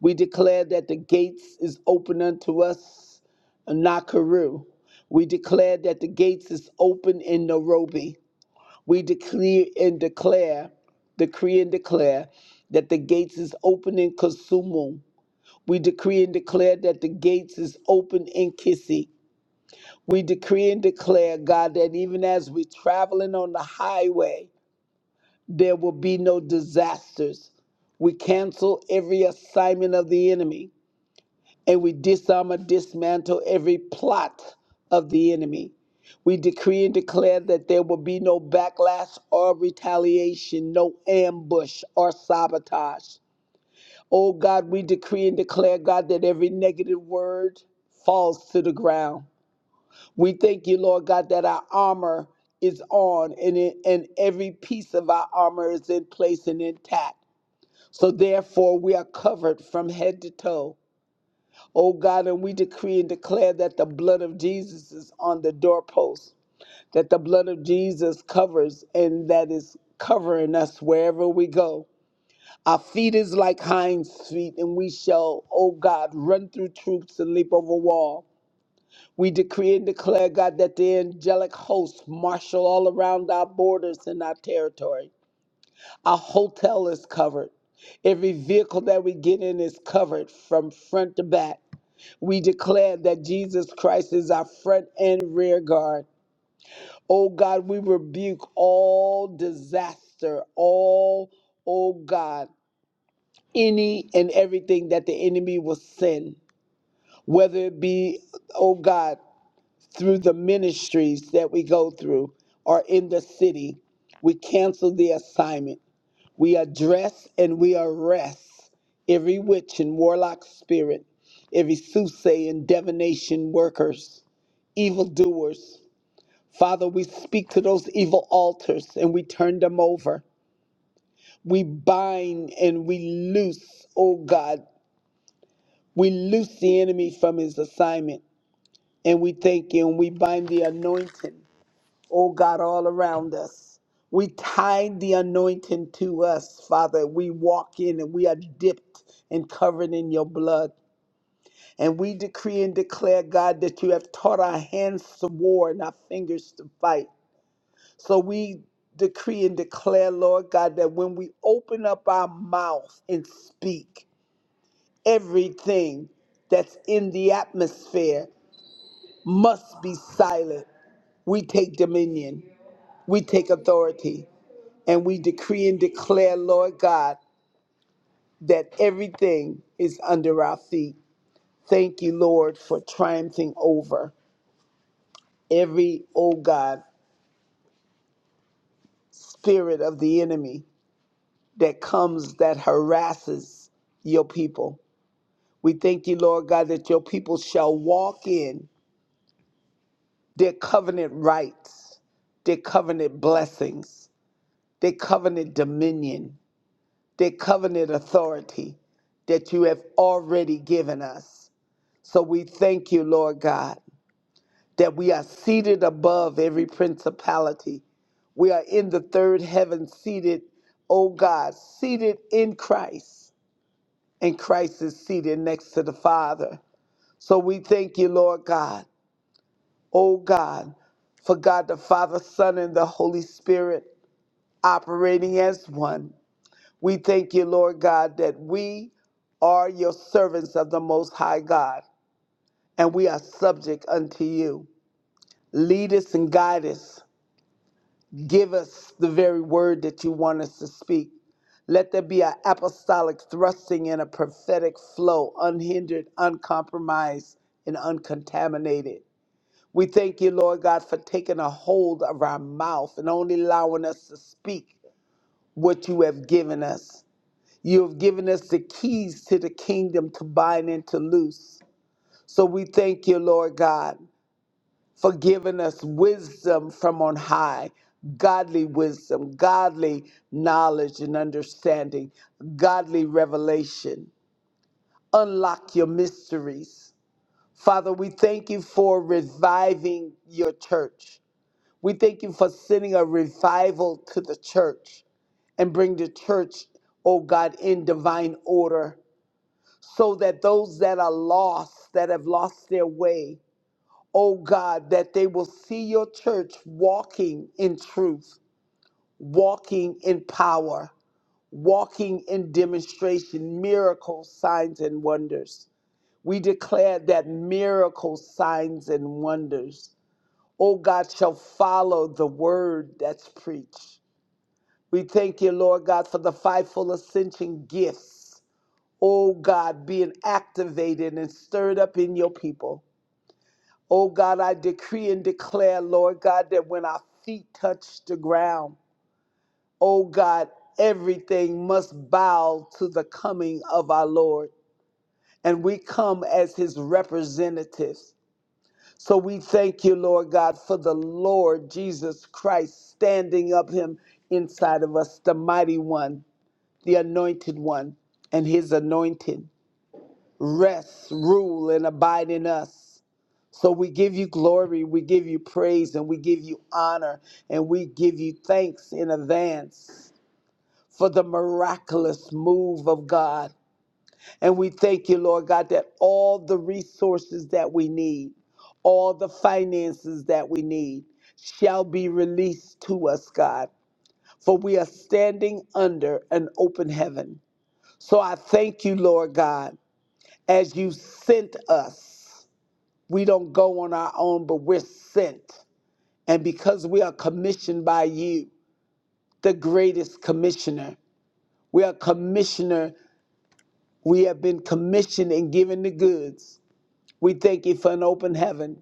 Speaker 2: We declare that the gates is open unto us in Nakuru. We declare that the gates is open in Nairobi. We declare and declare, decree and declare that the gates is open in Kisumu. We decree and declare that the gates is open in Kissy. We decree and declare, God, that even as we're traveling on the highway, there will be no disasters. We cancel every assignment of the enemy and we disarm and dismantle every plot of the enemy. We decree and declare that there will be no backlash or retaliation, no ambush or sabotage. Oh God, we decree and declare, God, that every negative word falls to the ground. We thank you, Lord God, that our armor is on and, it, and every piece of our armor is in place and intact. So therefore, we are covered from head to toe. Oh God, and we decree and declare that the blood of Jesus is on the doorpost, that the blood of Jesus covers and that is covering us wherever we go. Our feet is like hinds feet, and we shall, O God, run through troops and leap over wall. We decree and declare, God, that the angelic hosts marshal all around our borders and our territory. Our hotel is covered. Every vehicle that we get in is covered from front to back. We declare that Jesus Christ is our front and rear guard. Oh God, we rebuke all disaster, all, oh God. any and everything that the enemy will send, whether it be, oh God, through the ministries that we go through or in the city. We cancel the assignment. We address and we arrest every witch and warlock spirit, every soothsaying, and divination workers, evildoers. Father, we speak to those evil altars and we turn them over. We bind and we loose, oh God, We loose the enemy from his assignment and we thank you and we bind the anointing, oh God, all around us. We tie the anointing to us, Father. We walk in and we are dipped and covered in your blood. And we decree and declare, God, that you have taught our hands to war and our fingers to fight. So we decree and declare, Lord God, that when we open up our mouth and speak, everything that's in the atmosphere. must be silent. We take dominion, we take authority, and we decree and declare, Lord God, that everything is under our feet. Thank you, Lord, for triumphing over every, oh God, spirit of the enemy that comes that harasses your people. We thank you, Lord God, that your people shall walk in their covenant rights, their covenant blessings, their covenant dominion. the covenant authority that you have already given us. So we thank you, Lord God, that we are seated above every principality. We are in the third heaven, seated, oh God, seated in Christ, and Christ is seated next to the Father. So we thank you, Lord God, oh God, for God the Father, Son, and the Holy Spirit operating as one. We thank you, Lord God, that we are your servants of the Most High God, and we are subject unto you. Lead us and guide us. Give us the very word that you want us to speak. Let there be an apostolic thrusting and a prophetic flow, unhindered, uncompromised, and uncontaminated. We thank you, Lord God, for taking a hold of our mouth and only allowing us to speak what you have given us. You have given us the keys to the kingdom to bind and to loose. So we thank you, Lord God, for giving us wisdom from on high, godly wisdom, godly knowledge and understanding, godly revelation. Unlock your mysteries. Father, we thank you for reviving your church. We thank you for sending a revival to the church and bring the church, oh God, in divine order so that those that are lost, that have lost their way, oh God, that they will see your church walking in truth, walking in power, walking in demonstration, miracles, signs, and wonders. We declare that miracles, signs, and wonders, oh God, shall follow the word that's preached. We thank you, Lord God, for the fivefold ascension gifts oh God, being activated and stirred up in your people. Oh God, I decree and declare, Lord God, that when our feet touch the ground, oh God, everything must bow to the coming of our Lord. And we come as his representatives. So we thank you, Lord God, for the Lord Jesus Christ standing up him inside of us, the mighty one, the anointed one, and his anointing. rest, rule, and abide in us. So we give you glory, we give you praise, and we give you honor, and we give you thanks in advance for the miraculous move of God. And we thank you, Lord God, that all the resources that we need, all the finances that we need, shall be released to us, God. For we are standing under an open heaven. So I thank you, Lord God, as you sent us. We don't go on our own, but we're sent. And because we are commissioned by you, the greatest commissioner, we are commissioner. We have been commissioned and given the goods. We thank you for an open heaven.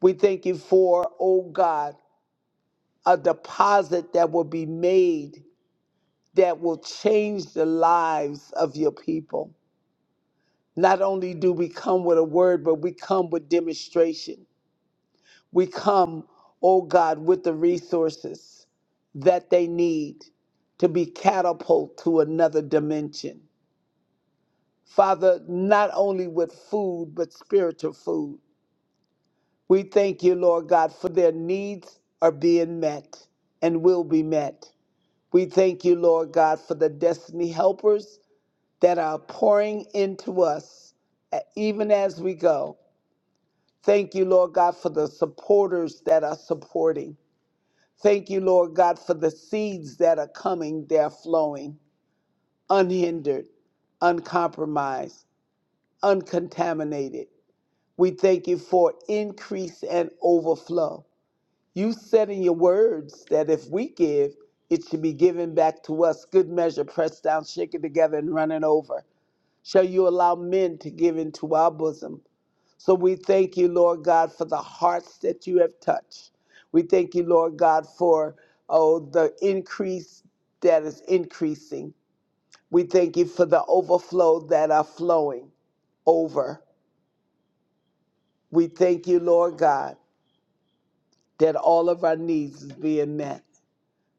Speaker 2: We thank you for, oh God, a deposit that will be made that will change the lives of your people. Not only do we come with a word, but we come with demonstration. We come, oh God, with the resources that they need to be catapulted to another dimension. Father, not only with food, but spiritual food. We thank you, Lord God, for their needs are being met and will be met. We thank you, Lord God, for the destiny helpers that are pouring into us uh, even as we go. Thank you, Lord God, for the supporters that are supporting. Thank you, Lord God, for the seeds that are coming, they're flowing unhindered, uncompromised, uncontaminated. We thank you for increase and overflow. You said in your words that if we give, it should be given back to us, good measure, pressed down, shaken together, and running over. Shall you allow men to give into our bosom? So we thank you, Lord God, for the hearts that you have touched. We thank you, Lord God, for oh the increase that is increasing. We thank you for the overflow that are flowing over. We thank you, Lord God, that all of our needs is being met.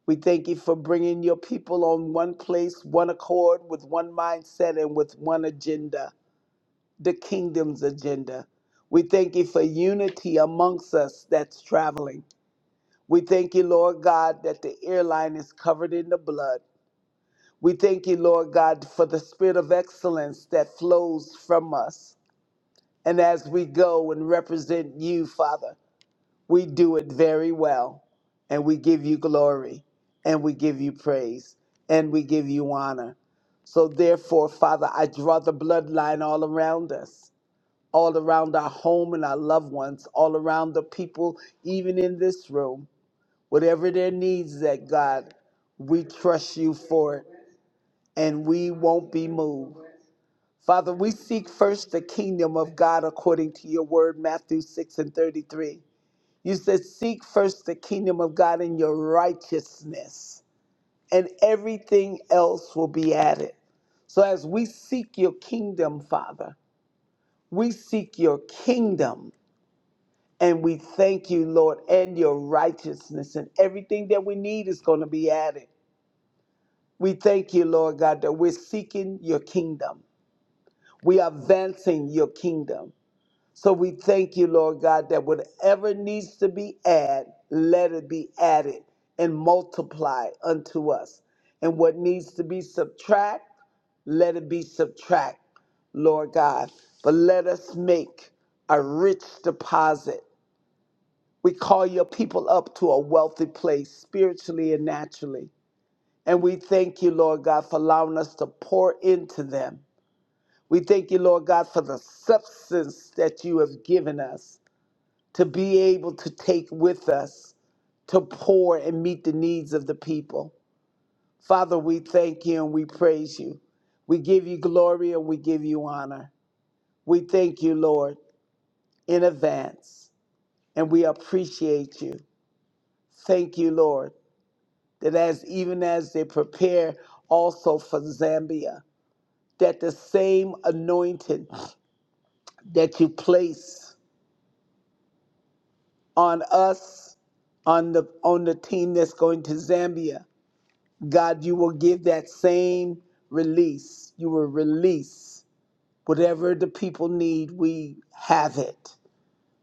Speaker 2: We thank you for bringing your people on one place, one accord, with one mindset and with one agenda, the kingdom's agenda. We thank you for unity amongst us that's traveling. We thank you, Lord God, that the airline is covered in the blood. We thank you, Lord God, for the spirit of excellence that flows from us. And as we go and represent you, Father, we do it very well. And we give you glory, and we give you praise, and we give you honor. So, therefore, Father, I draw the bloodline all around us, all around our home and our loved ones, all around the people, even in this room. Whatever their needs is at God, we trust you for it and we won't be moved. Father, we seek first the kingdom of God according to your word, Matthew 6 and 33. You said, Seek first the kingdom of God and your righteousness, and everything else will be added. So as we seek your kingdom, Father, we seek your kingdom. And we thank you, Lord, and your righteousness. And everything that we need is going to be added. We thank you, Lord God, that we're seeking your kingdom. We are advancing your kingdom. So we thank you, Lord God, that whatever needs to be added, let it be added and multiply unto us. And what needs to be subtract, let it be subtract, Lord God. But let us make a rich deposit. We call your people up to a wealthy place spiritually and naturally. And we thank you, Lord God, for allowing us to pour into them. We thank you, Lord God, for the substance that you have given us to be able to take with us to pour and meet the needs of the people. Father, we thank you and we praise you. We give you glory and we give you honor. We thank you, Lord, in advance, and we appreciate you. Thank you, Lord, that as even as they prepare also for Zambia, that the same anointing that you place on us, on the on the team that's going to Zambia, God, you will give that same release. You will release whatever the people need. We have it.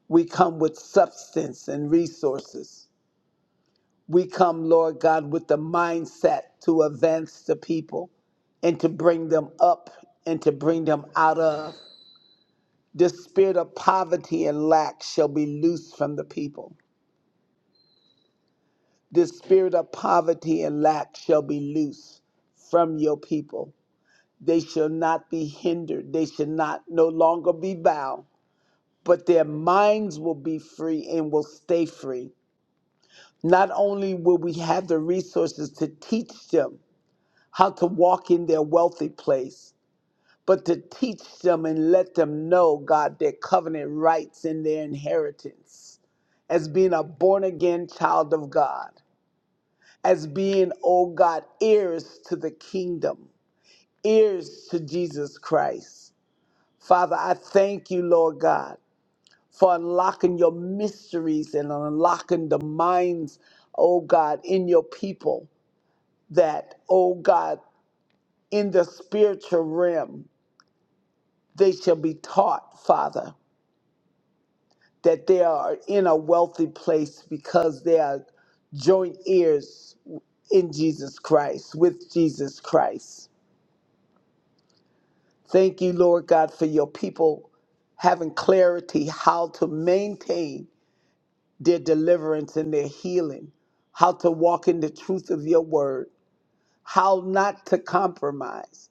Speaker 2: We come with substance and resources. We come, Lord God, with the mindset to advance the people and to bring them up and to bring them out of. This spirit of poverty and lack shall be loose from the people. This spirit of poverty and lack shall be loose from your people. They shall not be hindered. They shall not no longer be bound, but their minds will be free and will stay free. Not only will we have the resources to teach them how to walk in their wealthy place, but to teach them and let them know, God, their covenant rights and their inheritance. as being a born again child of God, as being, oh God, ears to the kingdom, ears to Jesus Christ. Father, I thank you, Lord God, for unlocking your mysteries and unlocking the minds, oh God, in your people that, oh God, in the spiritual realm, they shall be taught, Father. that they are in a wealthy place because they are joint heirs in Jesus Christ, with Jesus Christ. Thank you, Lord God, for your people having clarity how to maintain their deliverance and their healing, how to walk in the truth of your word, how not to compromise,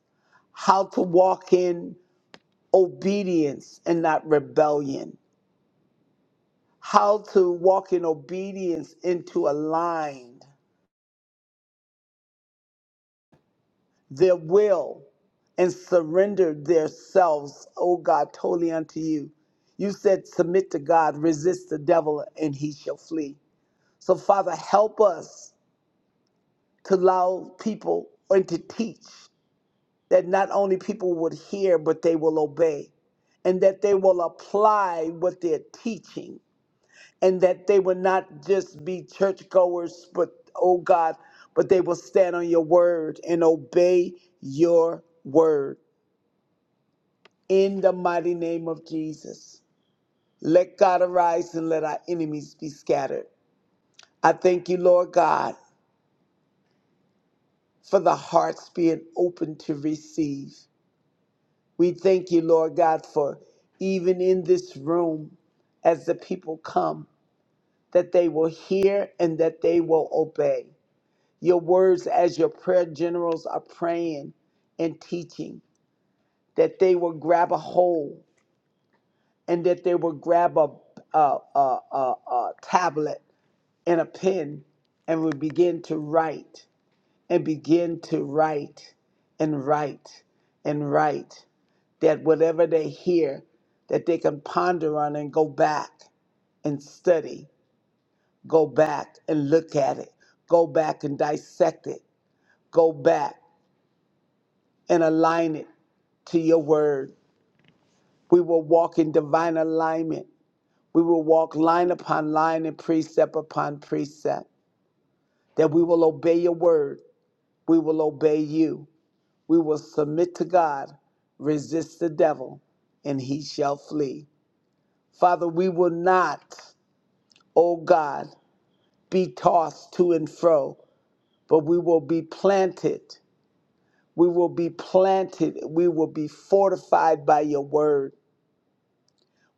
Speaker 2: how to walk in obedience and not rebellion, how to walk in obedience into aligned their will and surrender themselves, oh God, totally unto you. You said, submit to God, resist the devil, and he shall flee. So, Father, help us to allow people and to teach that not only people would hear, but they will obey, and that they will apply what they're teaching, and that they will not just be churchgoers, but, oh God, but they will stand on your word and obey your word. in the mighty name of Jesus. Let God arise and let our enemies be scattered. I thank you, Lord God, for the hearts being open to receive. We thank you, Lord God, for even in this room, as the people come, that they will hear and that they will obey. Your words, as your prayer generals are praying and teaching, that they will grab a hold and that they will grab a, a, a, a a tablet and a pen and would begin to write and begin to write and write and write that whatever they hear that they can ponder on and go back and study go back and look at it go back and dissect it go back and align it to your word we will walk in divine alignment we will walk line upon line and precept upon precept that we will obey your word We will obey you. We will submit to God. Resist the devil, and he shall flee. Father, we will not, O God, be tossed to and fro, but we will be planted. We will be planted. We will be fortified by your word.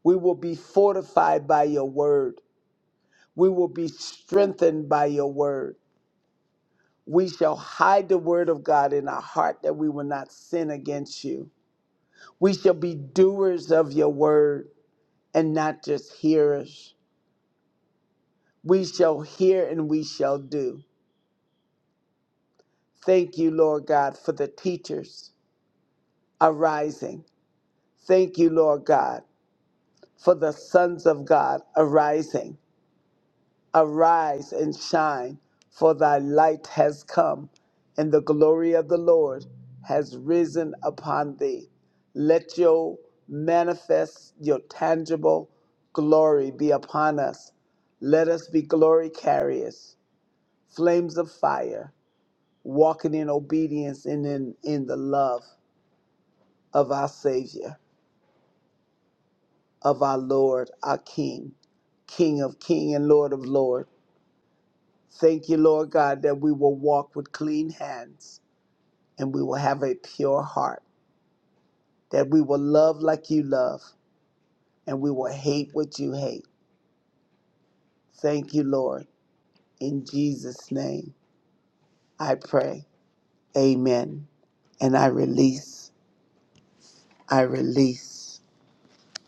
Speaker 2: We will be fortified by your word. We will be strengthened by your word. We shall hide the word of God in our heart that we will not sin against you. We shall be doers of your word and not just hearers. We shall hear and we shall do. Thank you, Lord God, for the teachers arising. Thank you, Lord God, for the sons of God arising. Arise and shine, for thy light has come, and the glory of the Lord has risen upon thee. Let your manifest, your tangible glory be upon us. Let us be glory carriers, flames of fire, walking in obedience and in, in the love of our Savior, of our Lord, our King, King of King and Lord of Lord. Thank you, Lord God, that we will walk with clean hands and we will have a pure heart, that we will love like you love and we will hate what you hate. Thank you, Lord. In Jesus' name, I pray. Amen. And I release, I release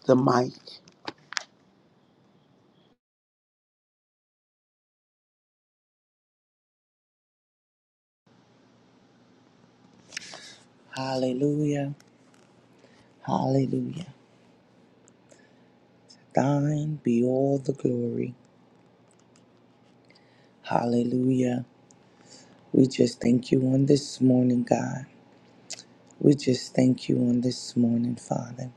Speaker 2: the mic.
Speaker 3: Hallelujah. Hallelujah. Thine be all the glory. Hallelujah. We just thank you on this morning, God. We just thank you on this morning, Father.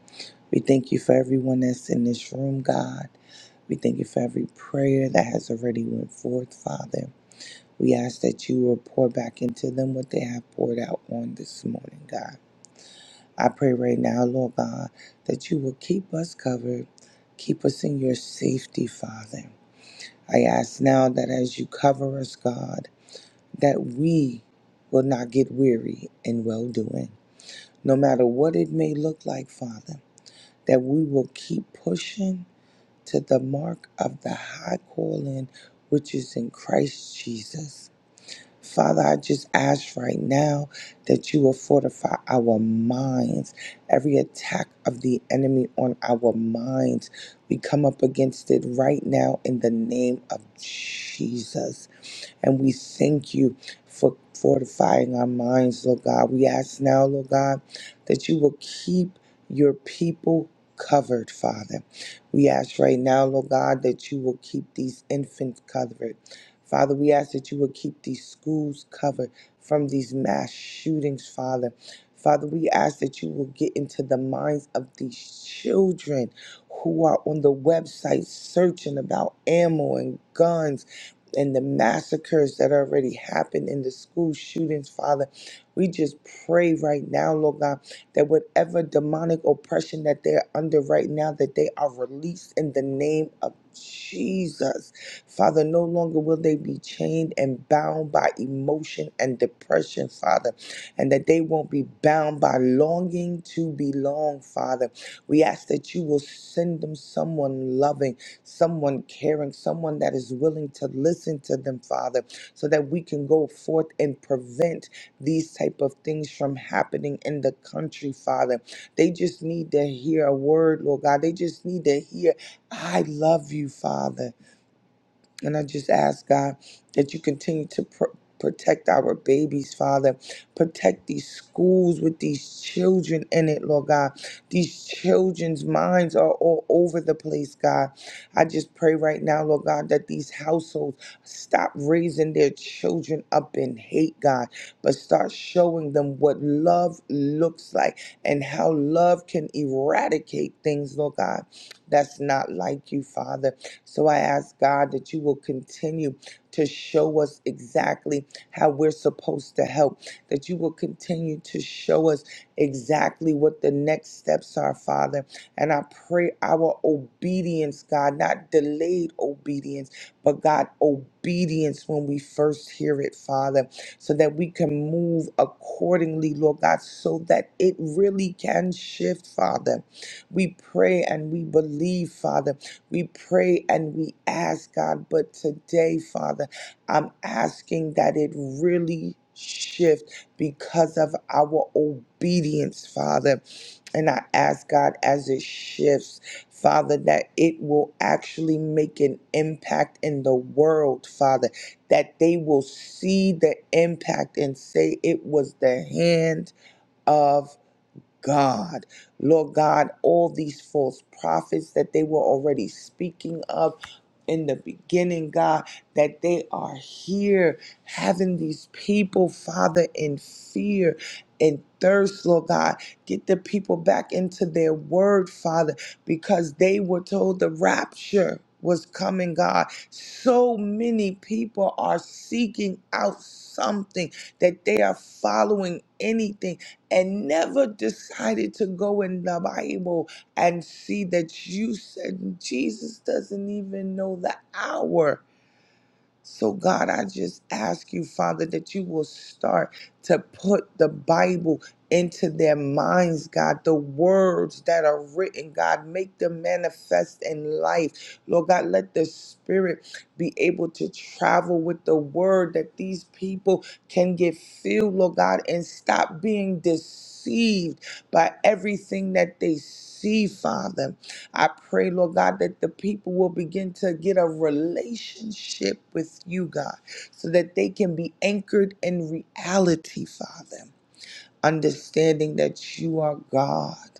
Speaker 3: We thank you for everyone that's in this room, God. We thank you for every prayer that has already went forth, Father. We ask that you will pour back into them what they have poured out on this morning, God. I pray right now, Lord God, that you will keep us covered, keep us in your safety, Father. I ask now that as you cover us, God, that we will not get weary in well doing, no matter what it may look like, Father, that we will keep pushing to the mark of the high calling which is in Christ Jesus. Father, I just ask right now that you will fortify our minds. Every attack of the enemy on our minds, we come up against it right now in the name of Jesus. And we thank you for fortifying our minds, Lord God. We ask now, Lord God, that you will keep your people covered, Father. We ask right now, Lord God, that you will keep these infants covered. Father, we ask that you will keep these schools covered from these mass shootings, Father. Father, we ask that you will get into the minds of these children who are on the website searching about ammo and guns and the massacres that already happened in the school shootings, Father. We just pray right now, Lord God, that whatever demonic oppression that they're under right now, that they are released in the name of Jesus. Father, no longer will they be chained and bound by emotion and depression, Father, and that they won't be bound by longing to belong, Father. We ask that you will send them someone loving someone caring, someone that is willing to listen to them, Father, so that we can go forth and prevent these type of things from happening in the country, Father. They just need to hear a word, Lord God. They just need to hear, I love you, Father. And I just ask God that you continue to pr- protect our babies, Father. Protect these schools with these children in it, Lord God. These children's minds are all over the place, God. I just pray right now, Lord God, that these households stop raising their children up in hate, God, but start showing them what love looks like and how love can eradicate things, Lord God, that's not like you, Father. So I ask God that you will continue to show us exactly how we're supposed to help, that you will continue to show us exactly what the next steps are, Father. And I pray our obedience, God, not delayed obedience, but God, obedience when we first hear it, Father, so that we can move accordingly, Lord God, so that it really can shift, Father. We pray and we believe, Father we pray and we ask, God. But today, Father, I'm asking that it really shift because of our obedience, Father. And I ask, God, as it shifts, Father, that it will actually make an impact in the world, Father, that they will see the impact and say it was the hand. of. God. Lord God, all these false prophets that they were already speaking of in the beginning, God, that they are here having these people, Father, in fear and thirst, Lord God. Get the people back into their word, Father, because they were told the rapture was coming, God. So many people are seeking out something that they are following anything and never decided to go in the Bible and see that you said Jesus doesn't even know the hour so, God, I just ask you, Father, that you will start to put the Bible into their minds, God. The words that are written, God, make them manifest in life. Lord God, let the Spirit be able to travel with the word that these people can get filled, Lord God, and stop being deceived by everything that they see, Father. I pray, Lord God, that the people will begin to get a relationship with you, God, so that they can be anchored in reality, Father, understanding that you are God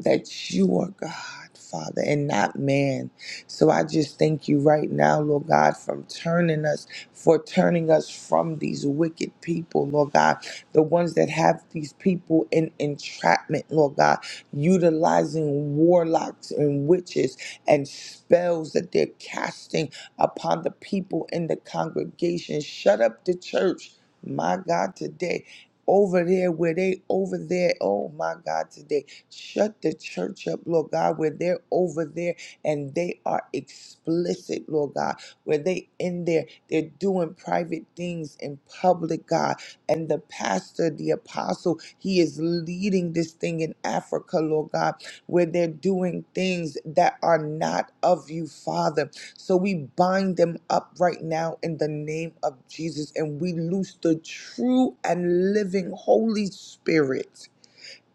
Speaker 3: that you are God, Father, and not man. So I just thank you right now, Lord God, from turning us, for turning us from these wicked people, Lord God, the ones that have these people in entrapment, Lord God, utilizing warlocks and witches and spells that they're casting upon the people in the congregation. Shut up the church, my God, today. Over there, where they over there, oh my God, today Shut the church up, Lord God, where they're over there and they are explicit, Lord God, where they in there, they're doing private things in public, God. And the pastor, the apostle, he is leading this thing in Africa, Lord God, where they're doing things that are not of you, Father. So we bind them up right now in the name of Jesus and we loose the true and living Holy Spirit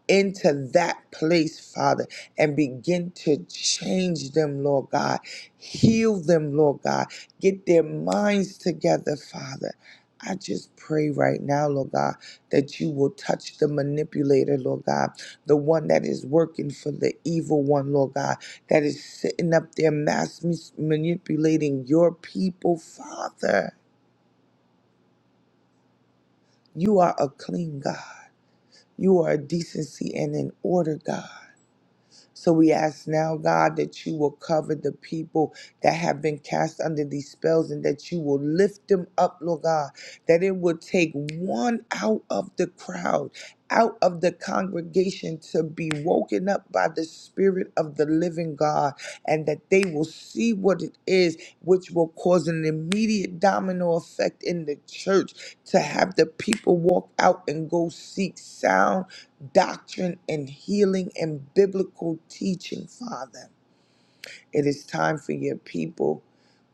Speaker 3: into that place, Father, and begin to change them, Lord God. Heal them, Lord God. Get their minds together, Father. I just pray right now, Lord God, that you will touch the manipulator, Lord God, the one that is working for the evil one, Lord God, that is sitting up there mass mis- manipulating your people, Father. You are a clean God. You are a decency and an order, God. So we ask now, God, that you will cover the people that have been cast under these spells and that you will lift them up, Lord God, that it will take one out of the crowd. Out of the congregation to be woken up by the Spirit of the living God, and that they will see what it is, which will cause an immediate domino effect in the church to have the people walk out and go seek sound doctrine and healing and biblical teaching, Father. It is time for your people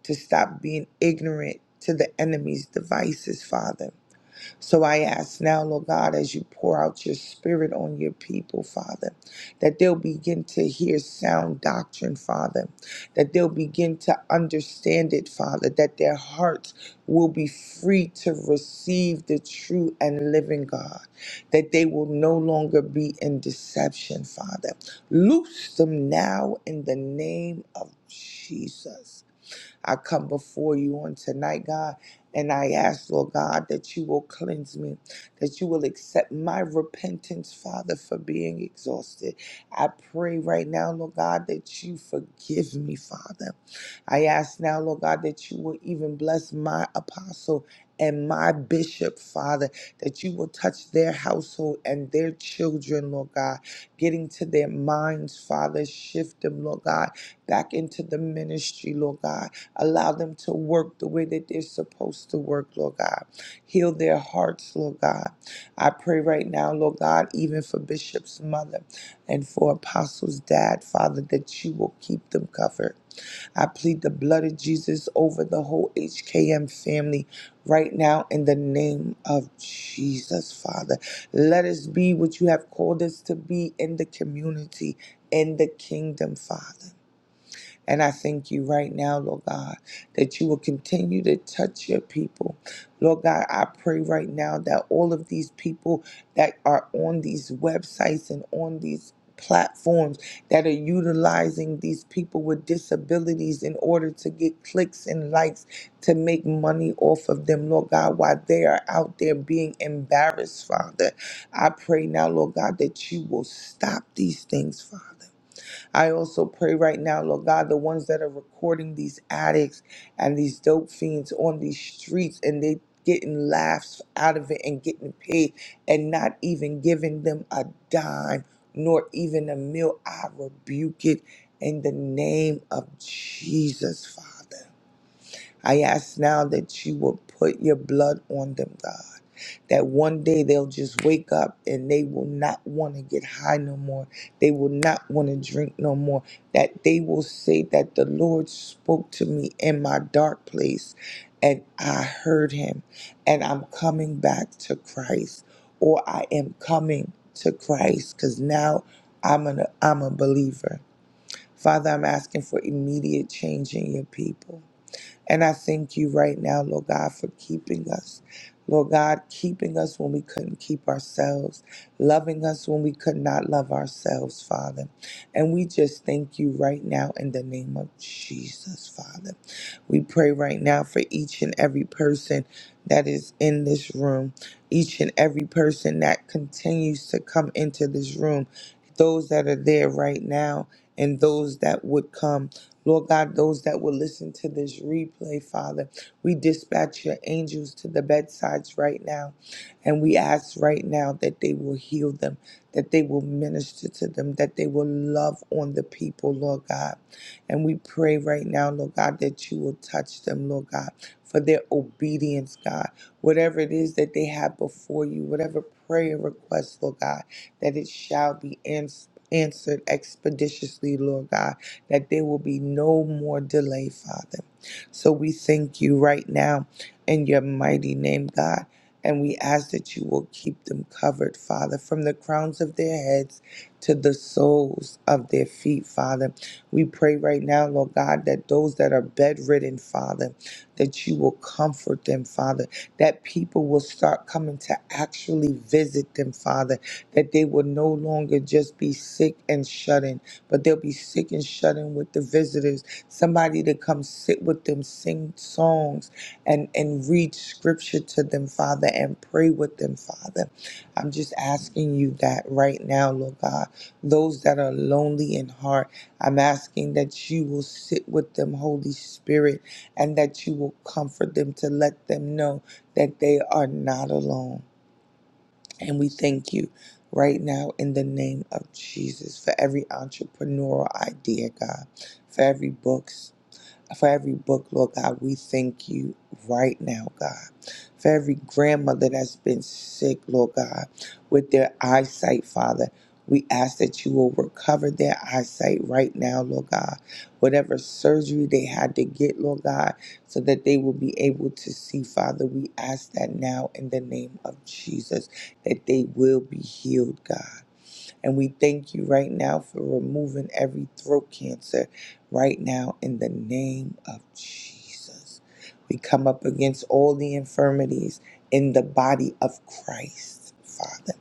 Speaker 3: to stop being ignorant to the enemy's devices, Father. So I ask now, Lord God, as you pour out your spirit on your people, Father, that they'll begin to hear sound doctrine, Father, that they'll begin to understand it, Father, that their hearts will be free to receive the true and living God, that they will no longer be in deception, Father. Loose them now in the name of Jesus. I come before you on tonight, God, and I ask, Lord God, that you will cleanse me, that you will accept my repentance, Father, for being exhausted. I pray right now, Lord God, that you forgive me, Father. I ask now, Lord God, that you will even bless my apostle and my bishop, Father, that you will touch their household and their children, Lord God, getting to their minds, Father, shift them, Lord God, back into the ministry, Lord God. Allow them to work the way that they're supposed to work, Lord God. Heal their hearts, Lord God. I pray right now, Lord God, even for Bishop's mother and for Apostle's dad, Father, that you will keep them covered I plead the blood of Jesus over the whole HKM family right now in the name of Jesus, Father. Let us be what you have called us to be in the community, in the kingdom, Father. And I thank you right now, Lord God, that you will continue to touch your people. Lord God, I pray right now that all of these people that are on these websites and on these platforms that are utilizing these people with disabilities in order to get clicks and likes to make money off of them, Lord God, while they are out there being embarrassed, Father. I pray now, Lord God, that you will stop these things, Father. I also pray right now, Lord God, the ones that are recording these addicts and these dope fiends on these streets and they getting laughs out of it and getting paid and not even giving them a dime nor even a meal. I rebuke it in the name of Jesus, Father. I ask now that you will put your blood on them, God. That one day they'll just wake up and they will not want to get high no more. They will not want to drink no more. That they will say that the Lord spoke to me in my dark place and I heard him and I'm coming back to Christ or I am coming to Christ because now I'm, an, I'm a believer. Father, I'm asking for immediate change in your people. And I thank you right now, Lord God, for keeping us. Lord God, keeping us when we couldn't keep ourselves, loving us when we could not love ourselves, Father. And we just thank you right now in the name of Jesus, Father. We pray right now for each and every person that is in this room, each and every person that continues to come into this room, those that are there right now and those that would come. Lord God, those that will listen to this replay, Father, we dispatch your angels to the bedsides right now. And we ask right now that they will heal them, that they will minister to them, that they will love on the people, Lord God. And we pray right now, Lord God, that you will touch them, Lord God, for their obedience, God. Whatever it is that they have before you, whatever prayer request, Lord God, that it shall be ans- Answered expeditiously, Lord God that there will be no more delay, Father. So we thank you right now in your mighty name, God. And we ask that you will keep them covered, Father, from the crowns of their heads to the soles of their feet, Father. We pray right now, Lord God, that those that are bedridden, Father, that you will comfort them, Father, that people will start coming to actually visit them, Father, that they will no longer just be sick and shut in but they'll be sick and shut in with the visitors. Somebody to come sit with them, sing songs, and, and read scripture to them, Father, and pray with them, Father. I'm just asking you that right now, Lord God. Those that are lonely in heart, I'm asking that you will sit with them, Holy Spirit, and that you will comfort them to let them know that they are not alone. And we thank you right now in the name of Jesus for every entrepreneurial idea, God, for every books for every book, Lord God. We thank you right now, God. For every grandmother that's been sick, Lord God, with their eyesight, Father. We ask that you will recover their eyesight right now, Lord God. Whatever surgery they had to get, Lord God, so that they will be able to see, Father, we ask that now in the name of Jesus, that they will be healed, God. And we thank you right now for removing every throat cancer right now in the name of Jesus. We come up against all the infirmities in the body of Christ, Father.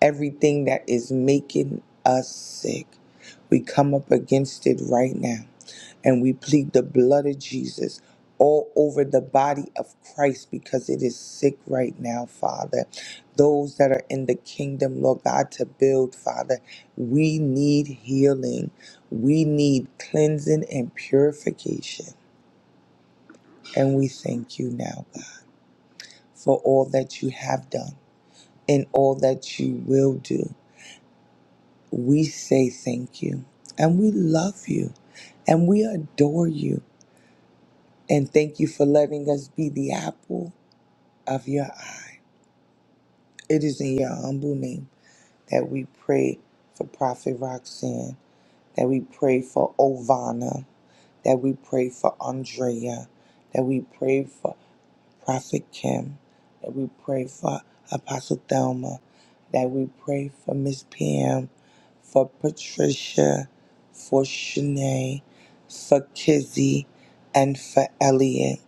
Speaker 3: Everything that is making us sick, we come up against it right now and we plead the blood of Jesus all over the body of Christ because it is sick right now, Father those that are in the kingdom, Lord God, to build, Father. We need healing. We need cleansing and purification. And we thank you now, God, for all that you have done and all that you will do. We say thank you and we love you and we adore you. And thank you for letting us be the apple of your eye. It is in your humble name that we pray for Prophet Roxanne. that we pray for Ovana, that we pray for Andrea, that we pray for Prophet Kim, that we pray for Apostle Thelma, that we pray for Miss Pam, for Patricia, for Shanae, for Kizzy, and for Elliot.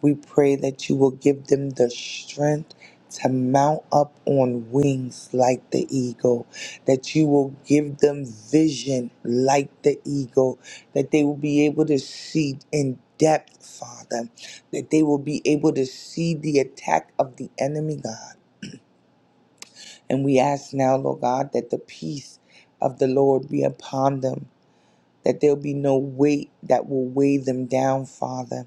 Speaker 3: We pray that you will give them the strength to mount up on wings like the eagle, that you will give them vision like the eagle, that they will be able to see in depth, Father, that they will be able to see the attack of the enemy, God. And we ask now, Lord God, that the peace of the Lord be upon them, that there'll be no weight that will weigh them down, Father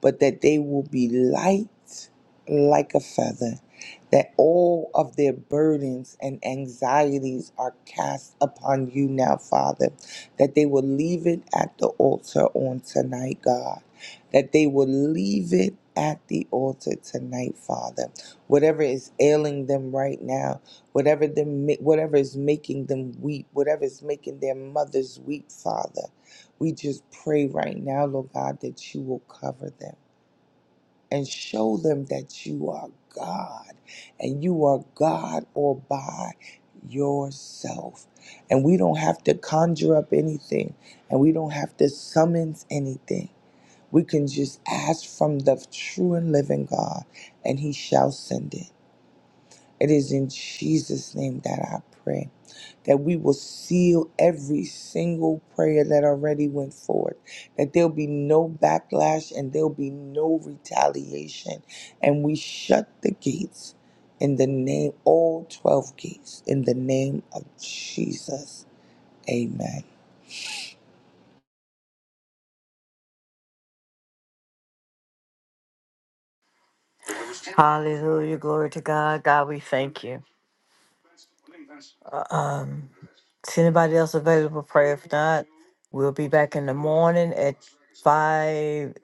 Speaker 3: but that they will be light like a feather, that all of their burdens and anxieties are cast upon you now, Father, that they will leave it at the altar on tonight, God, that they will leave it. At the altar tonight, Father, whatever is ailing them right now, whatever them, whatever is making them weep, whatever is making their mothers weep, Father, we just pray right now, Lord God, that you will cover them and show them that you are God and you are God all by yourself. And we don't have to conjure up anything and we don't have to summons anything. We can just ask from the true and living God and he shall send it. It is in Jesus' name that I pray that we will seal every single prayer that already went forth, that there'll be no backlash and there'll be no retaliation. And we shut the gates in the name, all 12 gates, in the name of Jesus. Amen.
Speaker 1: Hallelujah. Glory to God. God, we thank you. Um, is anybody else available for prayer? If not, we'll be back in the morning at five.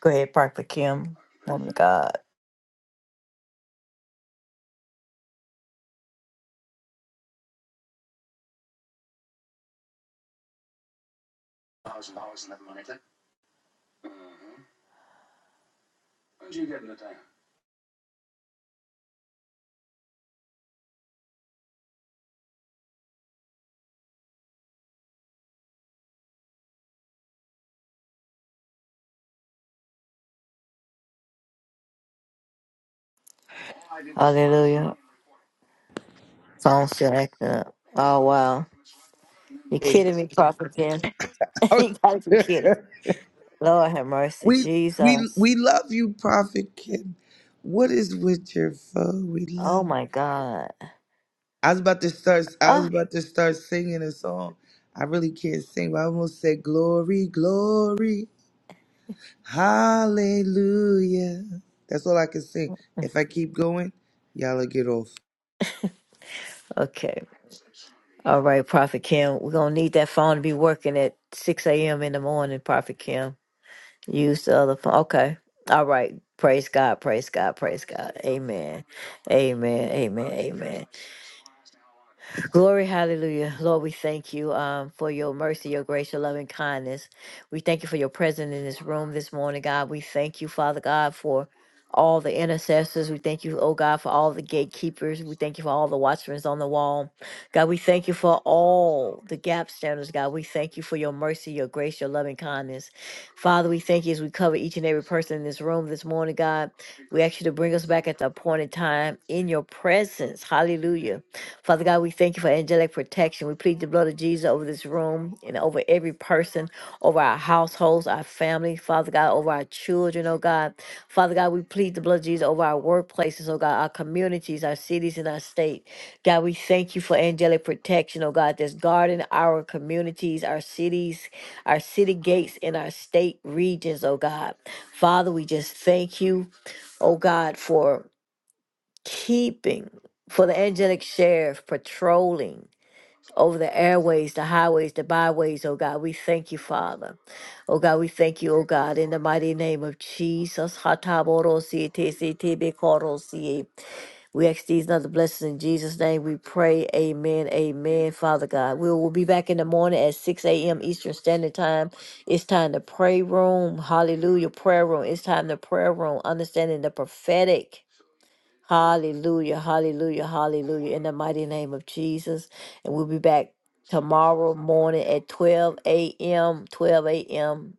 Speaker 1: Go ahead, Prophet Kim. Oh my God. Hallelujah. Song still acting up. Oh wow. you
Speaker 3: *laughs*
Speaker 1: kidding me, Prophet Kim. *laughs* you gotta be kidding. Lord have mercy.
Speaker 3: we, we,
Speaker 1: Jesus.
Speaker 3: we love you, Prophet Kim. What is with your phone? We
Speaker 1: Oh
Speaker 3: love
Speaker 1: my God.
Speaker 3: I was about to start. I was
Speaker 1: Oh
Speaker 3: about to start singing a song. I really can't sing, but I almost said "Glory, Glory, Hallelujah." That's all I can sing. If I keep going, y'all will get off.
Speaker 1: okay. All right, Prophet Kim. We're gonna need that phone to be working at six AM in the morning, Prophet Kim. Use the other phone. Okay. All right. Praise God. Praise God. Praise God. Amen. Amen. Amen. Amen. Glory, hallelujah. Lord, we thank you um, for your mercy, your grace, your loving kindness. We thank you for your presence in this room this morning, God. We thank you, Father God, for all the intercessors. We thank you, oh God, for all the gatekeepers. We thank you for all the watchmen on the wall. God, we thank you for all the gap standers, God. We thank you for your mercy, your grace, your loving kindness. Father, we thank you as we cover each and every person in this room this morning, God. We ask you to bring us back at the appointed time in your presence. Hallelujah. Father God, we thank you for angelic protection. We plead the blood of Jesus over this room and over every person, over our households, our family, Father God, over our children, oh God. Father God, we plead the blood of Jesus over our workplaces, oh God, our communities, our cities, and our state. God, we thank you for angelic protection, oh God, that's guarding our communities, our cities, our city gates, and our state regions, oh God. Father, we just thank you oh God, for keeping, for the angelic sheriff patrolling over the airways, the highways, the byways, oh God. We thank you, Father. Oh God, we thank you, oh God, in the mighty name of Jesus. Hatabodosietesetebekorosie. We ask these and other blessings in Jesus' name. We pray, Amen, Amen, Father God. We will be back in the morning at 6 a.m. Eastern Standard Time. It's time to pray room. Hallelujah, prayer room. It's time to prayer room, understanding the prophetic. Hallelujah, hallelujah, hallelujah. In the mighty name of Jesus. And we'll be back tomorrow morning at 12 a.m., 12 a.m.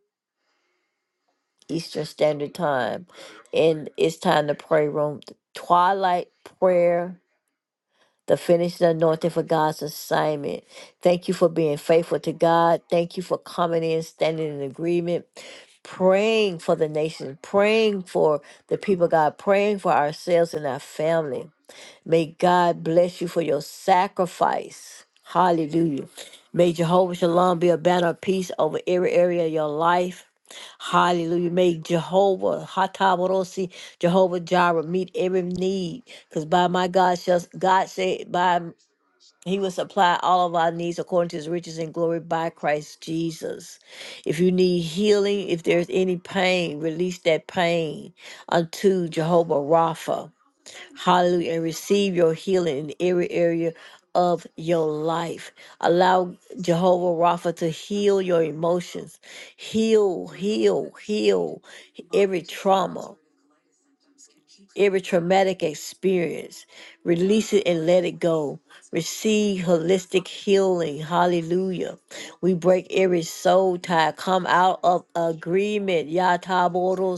Speaker 1: Eastern Standard Time. And it's time to pray room, twilight prayer, the finished anointing for God's assignment. Thank you for being faithful to God. Thank you for coming in, standing in agreement. Praying for the nation, praying for the people, of God, praying for ourselves and our family. May God bless you for your sacrifice. Hallelujah. May Jehovah Shalom be a banner of peace over every area of your life. Hallelujah. May Jehovah Hatabarosi, Jehovah Jireh meet every need. Because by my God shall God said by he will supply all of our needs according to his riches and glory by Christ Jesus. If you need healing, if there's any pain, release that pain unto Jehovah Rapha. Hallelujah. And receive your healing in every area of your life. Allow Jehovah Rapha to heal your emotions. Heal, heal, heal every trauma every traumatic experience. Release it and let it go. Receive holistic healing. Hallelujah. We break every soul tie. Come out of agreement. Yataboro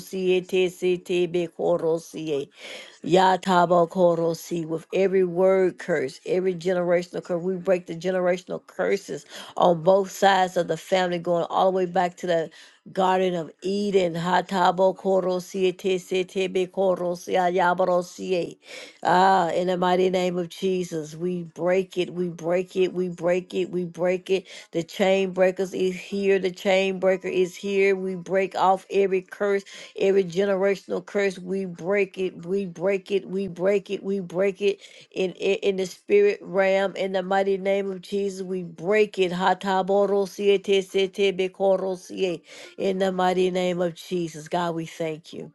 Speaker 1: Yatabokorosi with every word curse, every generational curse. We break the generational curses on both sides of the family, going all the way back to the Garden of Eden, Hatabo Korosie Tesetebe Korosia Yabarosie. Ah, in the mighty name of Jesus, we break it, we break it, we break it, we break it. The chain breakers is here, the chain breaker is here. We break off every curse, every generational curse. We break it, we break it, we break it, we break it in in, in the spirit realm. In the mighty name of Jesus, we break it. Hatabo Rosie Tesetebe Korosie. In the mighty name of Jesus, God, we thank you.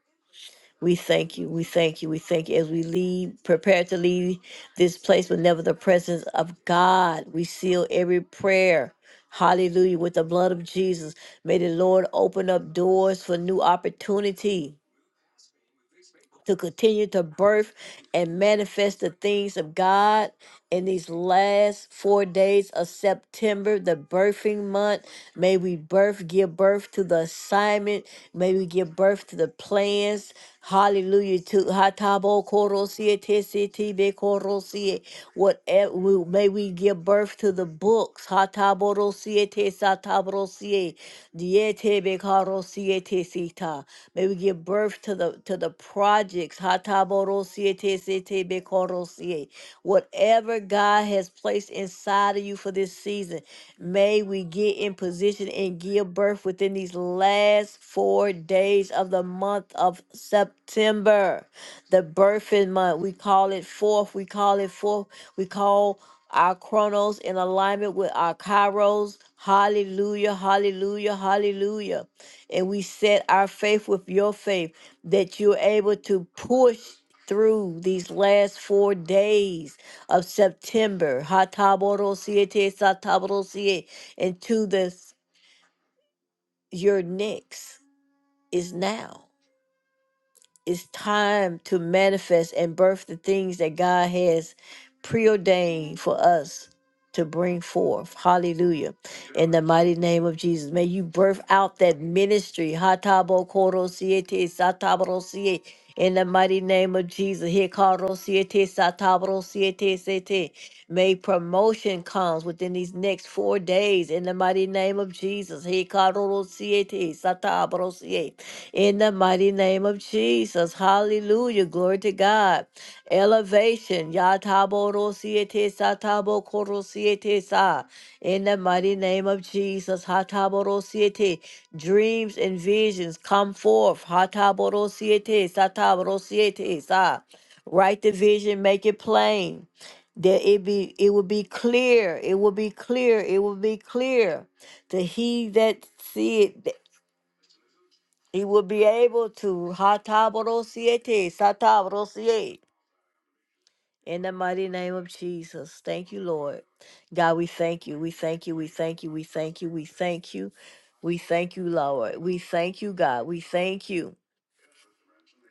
Speaker 1: We thank you. We thank you. We thank you. As we leave, prepare to leave this place, but never the presence of God. We seal every prayer. Hallelujah. With the blood of Jesus. May the Lord open up doors for new opportunity to continue to birth and manifest the things of God in these last four days of September, the birthing month. May we birth, give birth to the assignment. May we give birth to the plans. Hallelujah. To Hatabo Korosie Tesitibe Korosie. Whatever we, may we give birth to the books. Hataborosie Tesatabosie. Dietebe Karosie Tesita. May we give birth to the to the projects. Hataborosie Tesitibe Korosie Whatever whatever God has placed inside of you for this season, may we get in position and give birth within these last four days of the month of September. The birthing month, we call it forth, we call it forth, we call our chronos in alignment with our kairos. Hallelujah, hallelujah, hallelujah. And we set our faith with your faith that you're able to push through these last four days of September. Hatabodo-siete, satabodo-siete, And to this, your next is now it's time to manifest and birth the things that God has preordained for us to bring forth. Hallelujah. In the mighty name of Jesus. May you birth out that ministry. Hatabo koro siete satabro siete. In the mighty name of Jesus. Hikaro siete satabro siete siete. May promotion comes within these next four days. In the mighty name of Jesus. Hikaro siete satabro siete retaliate. In the mighty name of Jesus. Hallelujah. Glory to God. Elevation. Yataborosiete satabokorosiete sa. In the mighty name of Jesus. Hataborosiete. Dreams and visions come forth. Hataborosiete sataborosiete sa. Write the vision, make it plain that it be it will be clear it will be clear it will be clear to he that see it he will be able to Hatabarosiete, Satabarosie. In the mighty name of Jesus. Thank you, Lord. God, we thank you. We thank you. We thank you. We thank you. We thank you. We thank you, Lord. We thank you, God. We thank you.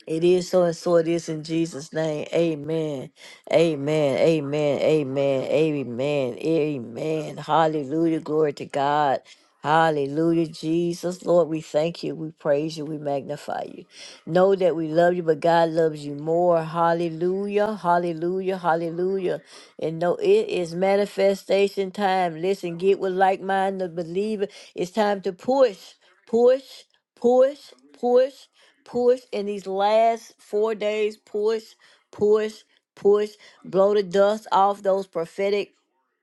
Speaker 1: It is so and so it is in Jesus' name. Amen. Amen. Amen. Amen. Amen. Amen. Hallelujah. Glory to God. Hallelujah. Jesus, Lord, we thank you. We praise you. We magnify you. Know that we love you, but God loves you more. Hallelujah. Hallelujah. Hallelujah. And know it is manifestation time. Listen, get with like minded believer. It's time to push, push, push, push push in these last four days push push push blow the dust off those prophetic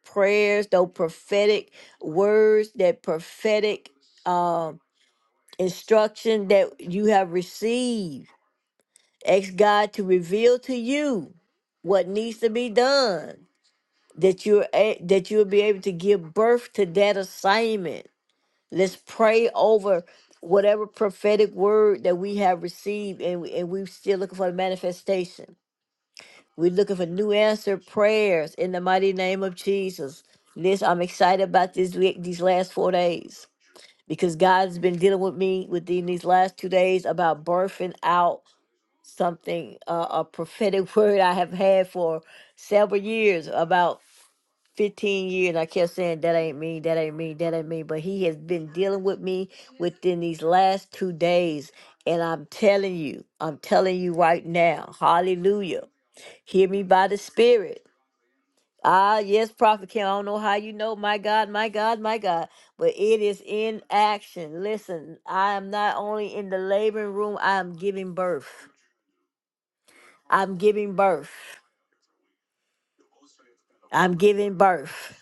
Speaker 1: prayers those prophetic words that prophetic um instruction that you have received ask god to reveal to you what needs to be done that you're a- that you'll be able to give birth to that assignment Let's pray over whatever prophetic word that we have received and, we, and we're still looking for the manifestation. We're looking for new answered prayers in the mighty name of Jesus. This I'm excited about this week, these last four days, because God's been dealing with me within these last two days about birthing out something, uh, a prophetic *laughs* word I have had for several years about 15 years. I kept saying, that ain't me, that ain't me, that ain't me. But he has been dealing with me within these last two days. And I'm telling you, I'm telling you right now, hallelujah. Hear me by the Spirit. Ah, yes, Prophet Kim. I don't know how you know, my God, my God, my God, but it is in action. Listen, I am not only in the laboring room, I am giving birth. I'm giving birth. I'm giving birth.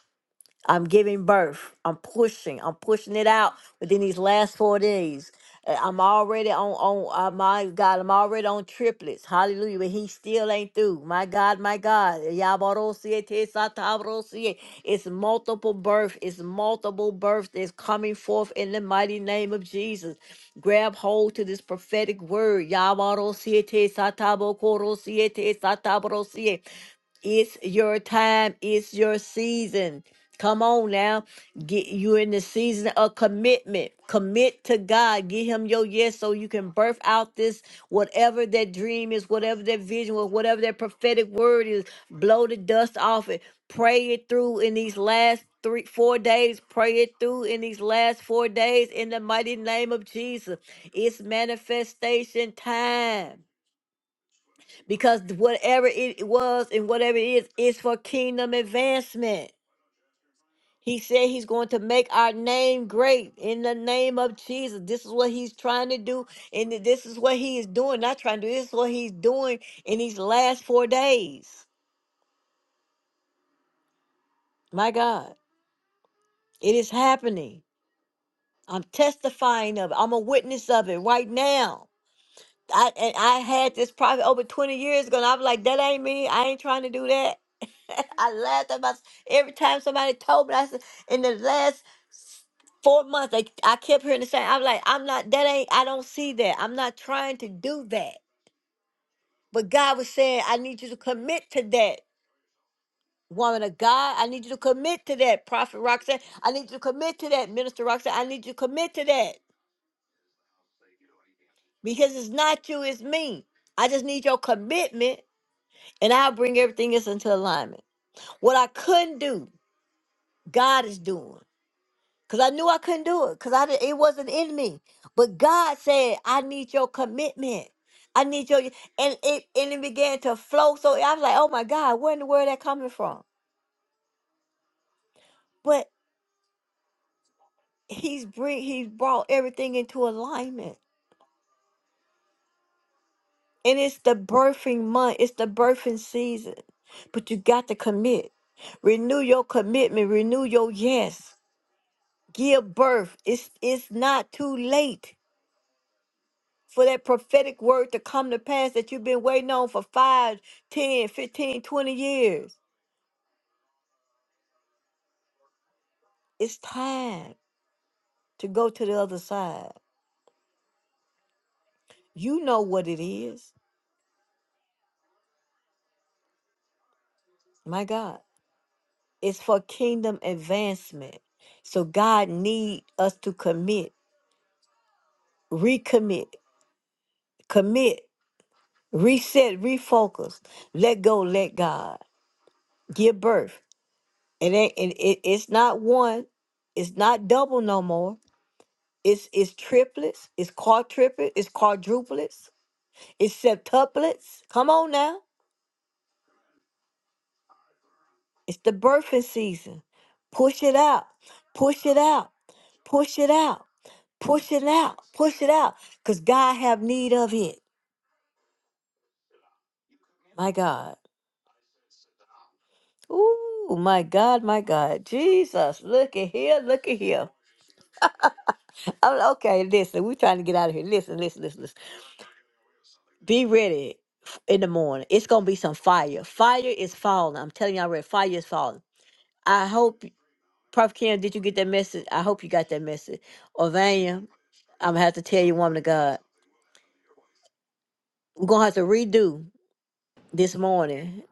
Speaker 1: I'm giving birth. I'm pushing. I'm pushing it out within these last four days. Uh, I'm already on on uh, my God. I'm already on triplets. Hallelujah! But He still ain't through. My God, my God. Yabarosie te satabarosie. It's multiple birth. It's multiple birth that's coming forth in the mighty name of Jesus. Grab hold to this prophetic word. Yabarosie te satabokorosie te satabarosie. It's your time. It's your season. Come on now. Get you in the season of commitment. Commit to God. Give him your yes so you can birth out this whatever that dream is, whatever that vision was, whatever that prophetic word is. Blow the dust off it. Pray it through in these last three, four days. Pray it through in these last four days in the mighty name of Jesus. It's manifestation time because whatever it was and whatever it is is for kingdom advancement. He said he's going to make our name great in the name of Jesus. This is what he's trying to do, and th- this is what he is doing. Not trying to do this is what he's doing in these last four days. My God, it is happening. I'm testifying of it. I'm a witness of it right now. I and I had this probably over 20 years ago, and I'm like, that ain't me. I ain't trying to do that. *laughs* I laughed at myself every time somebody told me. I said, in the last s- four months, I, I kept hearing the same. I'm like, I'm not. That ain't. I don't see that. I'm not trying to do that. But God was saying, I need you to commit to that. Woman of God, I need you to commit to that. Prophet Roxanne, I need you to commit to that. Minister Roxanne, I need you to commit to that because it's not you, it's me. I just need your commitment and I'll bring everything else into alignment. What I couldn't do, God is doing. Cause I knew I couldn't do it. Cause I did, it wasn't in me. But God said, I need your commitment. I need your and it and it began to flow. So I was like, oh my God, where in the world that coming from? But he's bring he's brought everything into alignment. And it's the birthing month. It's the birthing season. But you got to commit. Renew your commitment. Renew your yes. give birth. It's it's not too late for that prophetic word to come to pass that you've been waiting on for five, ten, fifteen, twenty years. It's time to go to the other side. You know what it is. My God. It's for kingdom advancement. So God need us to commit, recommit, commit, reset, refocus, let go, let God. Give birth It ain't it, it it's not one, it's not double no more. It's it's triplets, it's quadruplets, it's quadruplets, it's septuplets. Come on now. It's the birthing season. Push it out. Push it out. Push it out. Push it out. Push it out. Cause God have need of it. My God. Ooh, my God, my God. Jesus. Look at here. Look at here. *laughs* I'm, okay, listen, we trying to get out of here. Listen, listen, listen, listen. Be ready f- in the morning. It's gonna be some fire. Fire is falling. I'm telling y'all, ready. Fire is falling. I hope, Prophet Ken, did you get that message? I hope you got that message. Or Vanya, I'm gonna have to tell you, woman of God, we're gonna have to redo this morning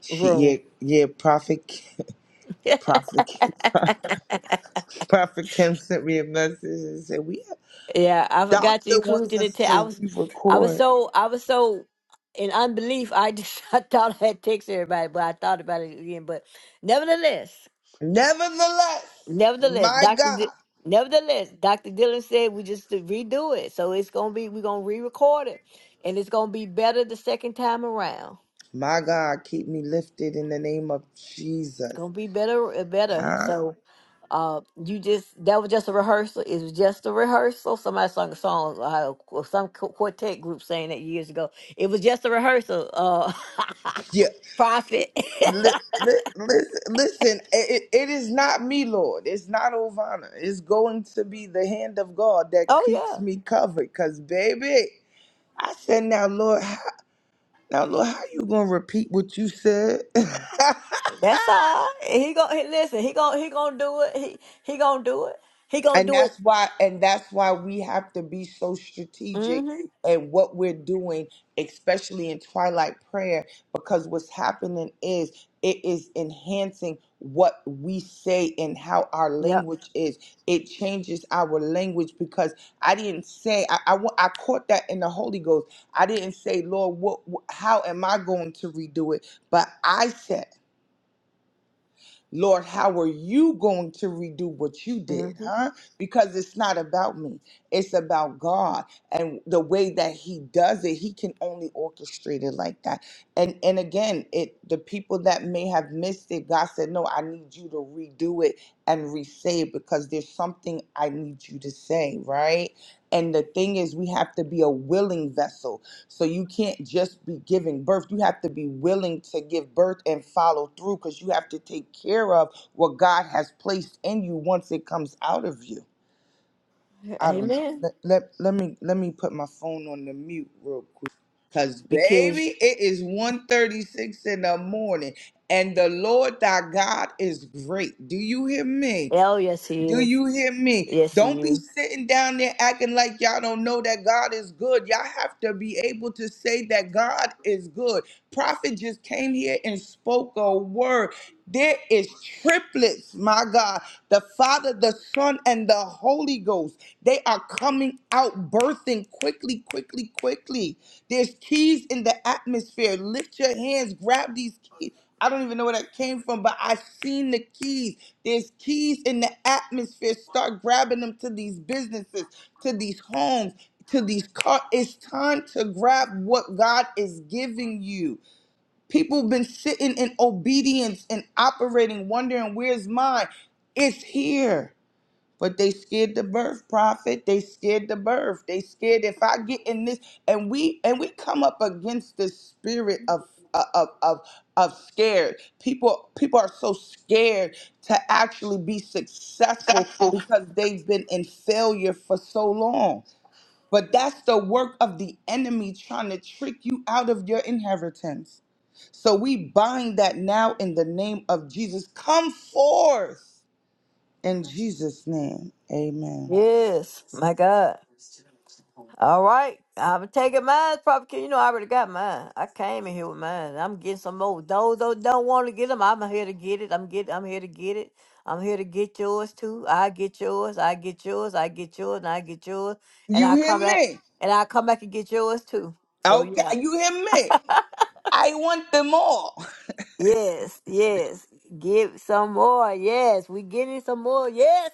Speaker 3: She, yeah,
Speaker 1: room.
Speaker 3: yeah. Prophet, Kim-
Speaker 1: *laughs*
Speaker 3: *laughs* Prophet, Kim- *laughs* Prophet Kim sent me a message and said, "We
Speaker 1: Yeah, I forgot to
Speaker 3: doctor
Speaker 1: include
Speaker 3: wants
Speaker 1: you in the
Speaker 3: us
Speaker 1: text. I
Speaker 3: to
Speaker 1: was, I was
Speaker 3: re-record."
Speaker 1: so, I was so in unbelief. I just *laughs* I thought I had text everybody, but I thought about it again. But nevertheless.
Speaker 3: Nevertheless,
Speaker 1: Nevertheless,
Speaker 3: my
Speaker 1: Doctor.
Speaker 3: God,
Speaker 1: D- Nevertheless, Doctor Dylan said we just to redo it, so it's gonna be we're gonna re-record it, and it's gonna be better the second time around.
Speaker 3: my God, keep me lifted in the name of
Speaker 1: It's
Speaker 3: Jesus.
Speaker 1: gonna be better, uh, better.
Speaker 3: Huh?
Speaker 1: So, uh, you just that was just a rehearsal. It was just a rehearsal. Somebody sung a song, uh, qu- some qu- quartet group sang that years ago. It was just a rehearsal. Uh, *laughs*
Speaker 3: Yeah,
Speaker 1: profit.
Speaker 3: Li- li- Listen, listen. It, it it is not me, Lord. It's not Ovana. It's going to be the hand of God
Speaker 1: *laughs*
Speaker 3: that keeps
Speaker 1: oh
Speaker 3: me covered. Cause baby, I said, now, Lord, how, now, Lord, how you gonna repeat what you said? *laughs*
Speaker 1: yeah, that's all. right. He gonna he, listen. He gonna he gonna do it. He he gonna do it. He gonna
Speaker 3: And
Speaker 1: do it.
Speaker 3: that's why and that's why we have to be so strategic
Speaker 1: Mm-hmm.
Speaker 3: at what we're doing, especially in twilight prayer, because what's happening is it is enhancing what we say and how our
Speaker 1: Yep.
Speaker 3: language is. It changes our language because I didn't say I, I wa- I caught that in the Holy Ghost. I didn't say, Lord, what wh- how am I going to redo it? But I said. Lord, how are you going to redo what you did,
Speaker 1: hmm
Speaker 3: huh? Because it's not about me, it's about God and the way that He does it. He can only orchestrate it like that. And and again, it the people that may have missed it, God said, "No, I need you to redo it and re-say it because there's something I need you to say, right?" And the thing is, we have to be a willing vessel so you can't just be giving birth. You have to be willing to give birth and follow through because you have to take care of what God has placed in you once it comes out of you. I don't know.
Speaker 1: Amen.
Speaker 3: Let, let, let me let me put my phone on the mute real quick. Cause
Speaker 1: Because,
Speaker 3: baby, it is one thirty-six in the morning. And the Lord thy God is great. Do you hear me?
Speaker 1: oh, yes, he
Speaker 3: Do
Speaker 1: is.
Speaker 3: you hear me?
Speaker 1: Yes, he
Speaker 3: Don't be
Speaker 1: is.
Speaker 3: sitting down there acting like y'all don't know that God is good. Y'all have to be able to say that God is good. Prophet just came here and spoke a word. There is triplets, my God. The Father, the Son, and the Holy Ghost. They are coming out, birthing quickly, quickly, quickly. There's keys in the atmosphere. Lift your hands, grab these keys. I don't even know where that came from, but I seen the keys. There's keys in the atmosphere. Start grabbing them to these businesses, to these homes, to these cars. It's time to grab what God is giving you. People have been sitting in obedience and operating, wondering, where's mine? It's here. But they scared the birth, prophet. They scared the birth. They scared if I get in this, and we and we come up against the spirit of uh, of of of scared. People people are so scared to actually be successful because they've been in failure for so long. But that's the work of the enemy trying to trick you out of your inheritance. So we bind that now in the name of Jesus. Come forth in Jesus' name. Amen.
Speaker 1: Yes. My God. All right. I'm taking mine, Prophet King. You know, I already got mine. I came in here with mine. I'm getting some more. Those that don't want to get them, I'm here to get it. I'm get. I'm here to get it. I'm here to get yours too. I get yours. I get yours. I get yours. And I get yours. And
Speaker 3: You
Speaker 1: I
Speaker 3: hear
Speaker 1: come back.
Speaker 3: me?
Speaker 1: And I come back and get yours too. So
Speaker 3: Okay,
Speaker 1: yeah.
Speaker 3: you hear me? I want them all.
Speaker 1: Yes, yes. Give some more. Yes, we getting some more. Yes.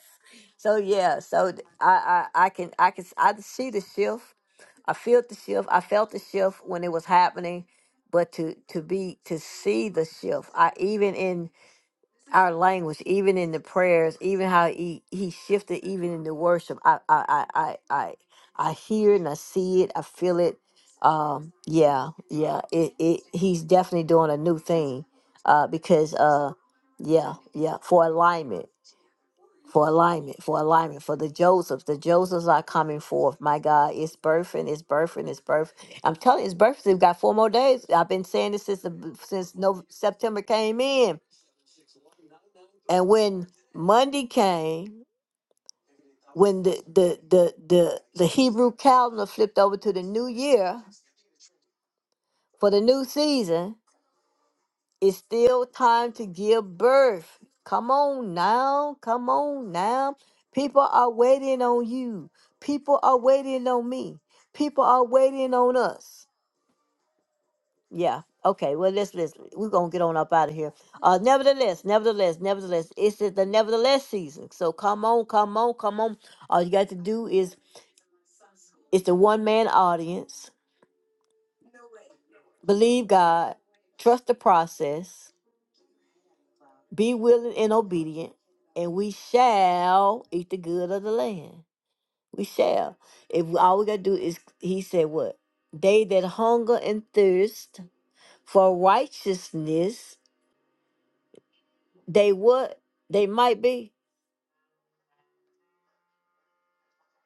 Speaker 1: So yeah, so th- I I I can I can s- I can see the shift. I feel the shift. I felt the shift when it was happening, but to to be to see the shift. I even in our language, even in the prayers, even how he, he shifted, even in the worship. I I I I I, I hear it and I see it. I feel it. Um, yeah, yeah. It, it he's definitely doing a new thing. Uh, because uh, yeah, yeah. For alignment, for alignment, for alignment, for the Josephs. The Josephs are coming forth. My God, it's birthing, it's birthing, it's birth. I'm telling you, it's birthing. We've got four more days. I've been saying this since the since no September came in and when Monday came, when the the the the, the Hebrew calendar flipped over to the new year for the new season, it's still time to give birth. Come on now, come on now. People are waiting on you. People are waiting on me. People are waiting on us. Yeah. Okay. Well, let's listen. We're gonna get on up out of here. Uh, nevertheless, nevertheless, nevertheless, it's the nevertheless season. So come on, come on, come on. All you got to do is It's a one man audience. Believe God, trust the process, be willing and obedient, and we shall eat the good of the land. We shall. If all we gotta do is, he said, what? They that hunger and thirst for righteousness, they what? They might be.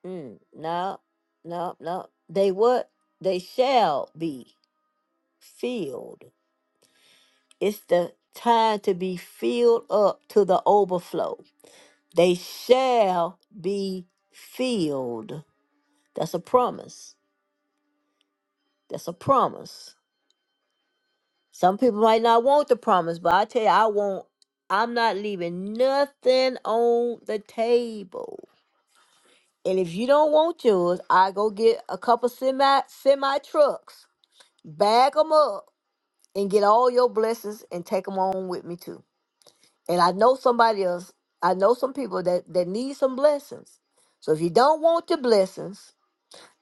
Speaker 1: Mm, no, no, no. They what? They shall be filled. It's the time to be filled up to the overflow They shall be filled. That's a promise. That's a promise. Some people might not want the promise, but I tell you, I won't. I'm not leaving nothing on the table. And if you don't want yours, I go get a couple semi semi trucks, bag them up, and get all your blessings and take them on with me too. And I know somebody else. I know some people that that need some blessings. So if you don't want the blessings,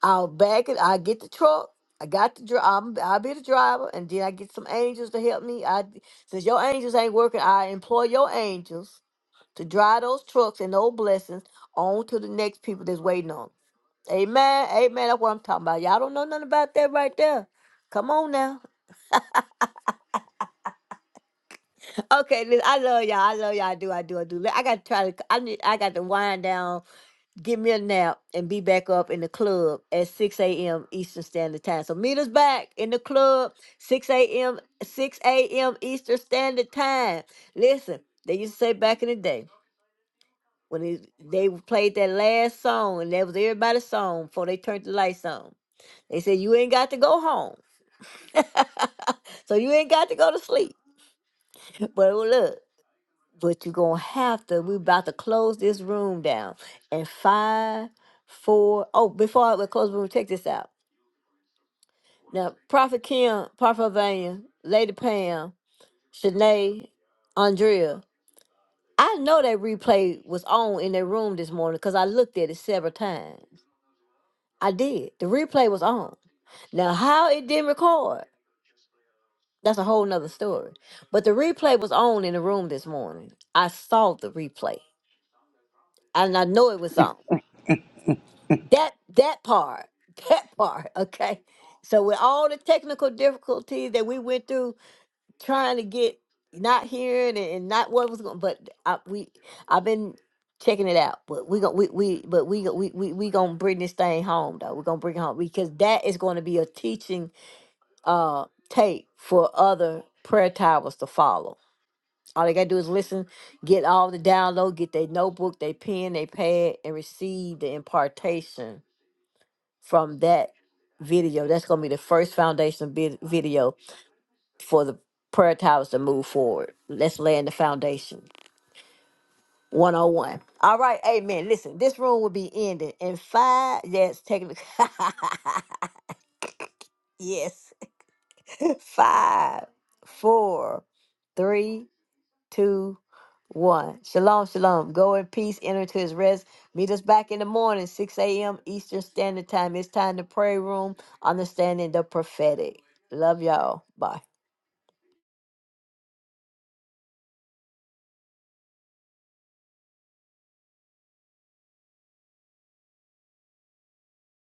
Speaker 1: I'll back it. I get the truck. I got the dri- I'm, I'll be the driver, and then I get some angels to help me. I since your angels ain't working, I employ your angels to drive those trucks and those blessings on to the next people that's waiting on. 'em. Amen. Amen. That's what I'm talking about. Y'all don't know nothing about that right there. Come on now. *laughs* Okay, listen, I love y'all. I love y'all. I do. I do. I do. Let- I got to try to. I need. I got to wind down give me a nap and be back up in the club at 6 a.m. Eastern Standard Time. So meet us back in the club 6 a.m. 6 a.m. Eastern Standard Time. Listen, they used to say back in the day when it, they played that last song and that was everybody's song before they turned the lights on. They said you ain't got to go home, *laughs* so you ain't got to go to sleep. But look. But you're gonna have to. We're about to close this room down. And five, four. Oh, before I we close the room, take this out. Now, Prophet Kim, Prophet Vanya, Lady Pam, Shanae, Andrea. I know that replay was on in their room this morning because I looked at it several times. I did. The replay was on. Now, how it didn't record, that's a whole nother story. But the replay was on in the room this morning. I saw the replay, and I know it was on. that that part *laughs* that part okay so with all the technical difficulties that we went through trying to get not hearing and, and not what was going but I, we i've been checking it out but we going we, we but we gon- we we, we gonna bring this thing home though we're gonna bring it home because that is going to be a teaching uh tape for other prayer towers to follow all they gotta do is listen get all the download get their notebook their pen their pad and receive the impartation from that video. That's going to be the first foundation vid- video for the prayer towers to move forward. Let's lay in the foundation. 101. All right, amen. Listen, this room will be ending in five. Yes, technically. *laughs* yes. *laughs* Five, four, three, two, one. Shalom, shalom. Go in peace, enter to his rest. Meet us back in the morning, 6 a.m. Eastern Standard Time. It's time to pray room, understanding the prophetic. Love y'all. Bye.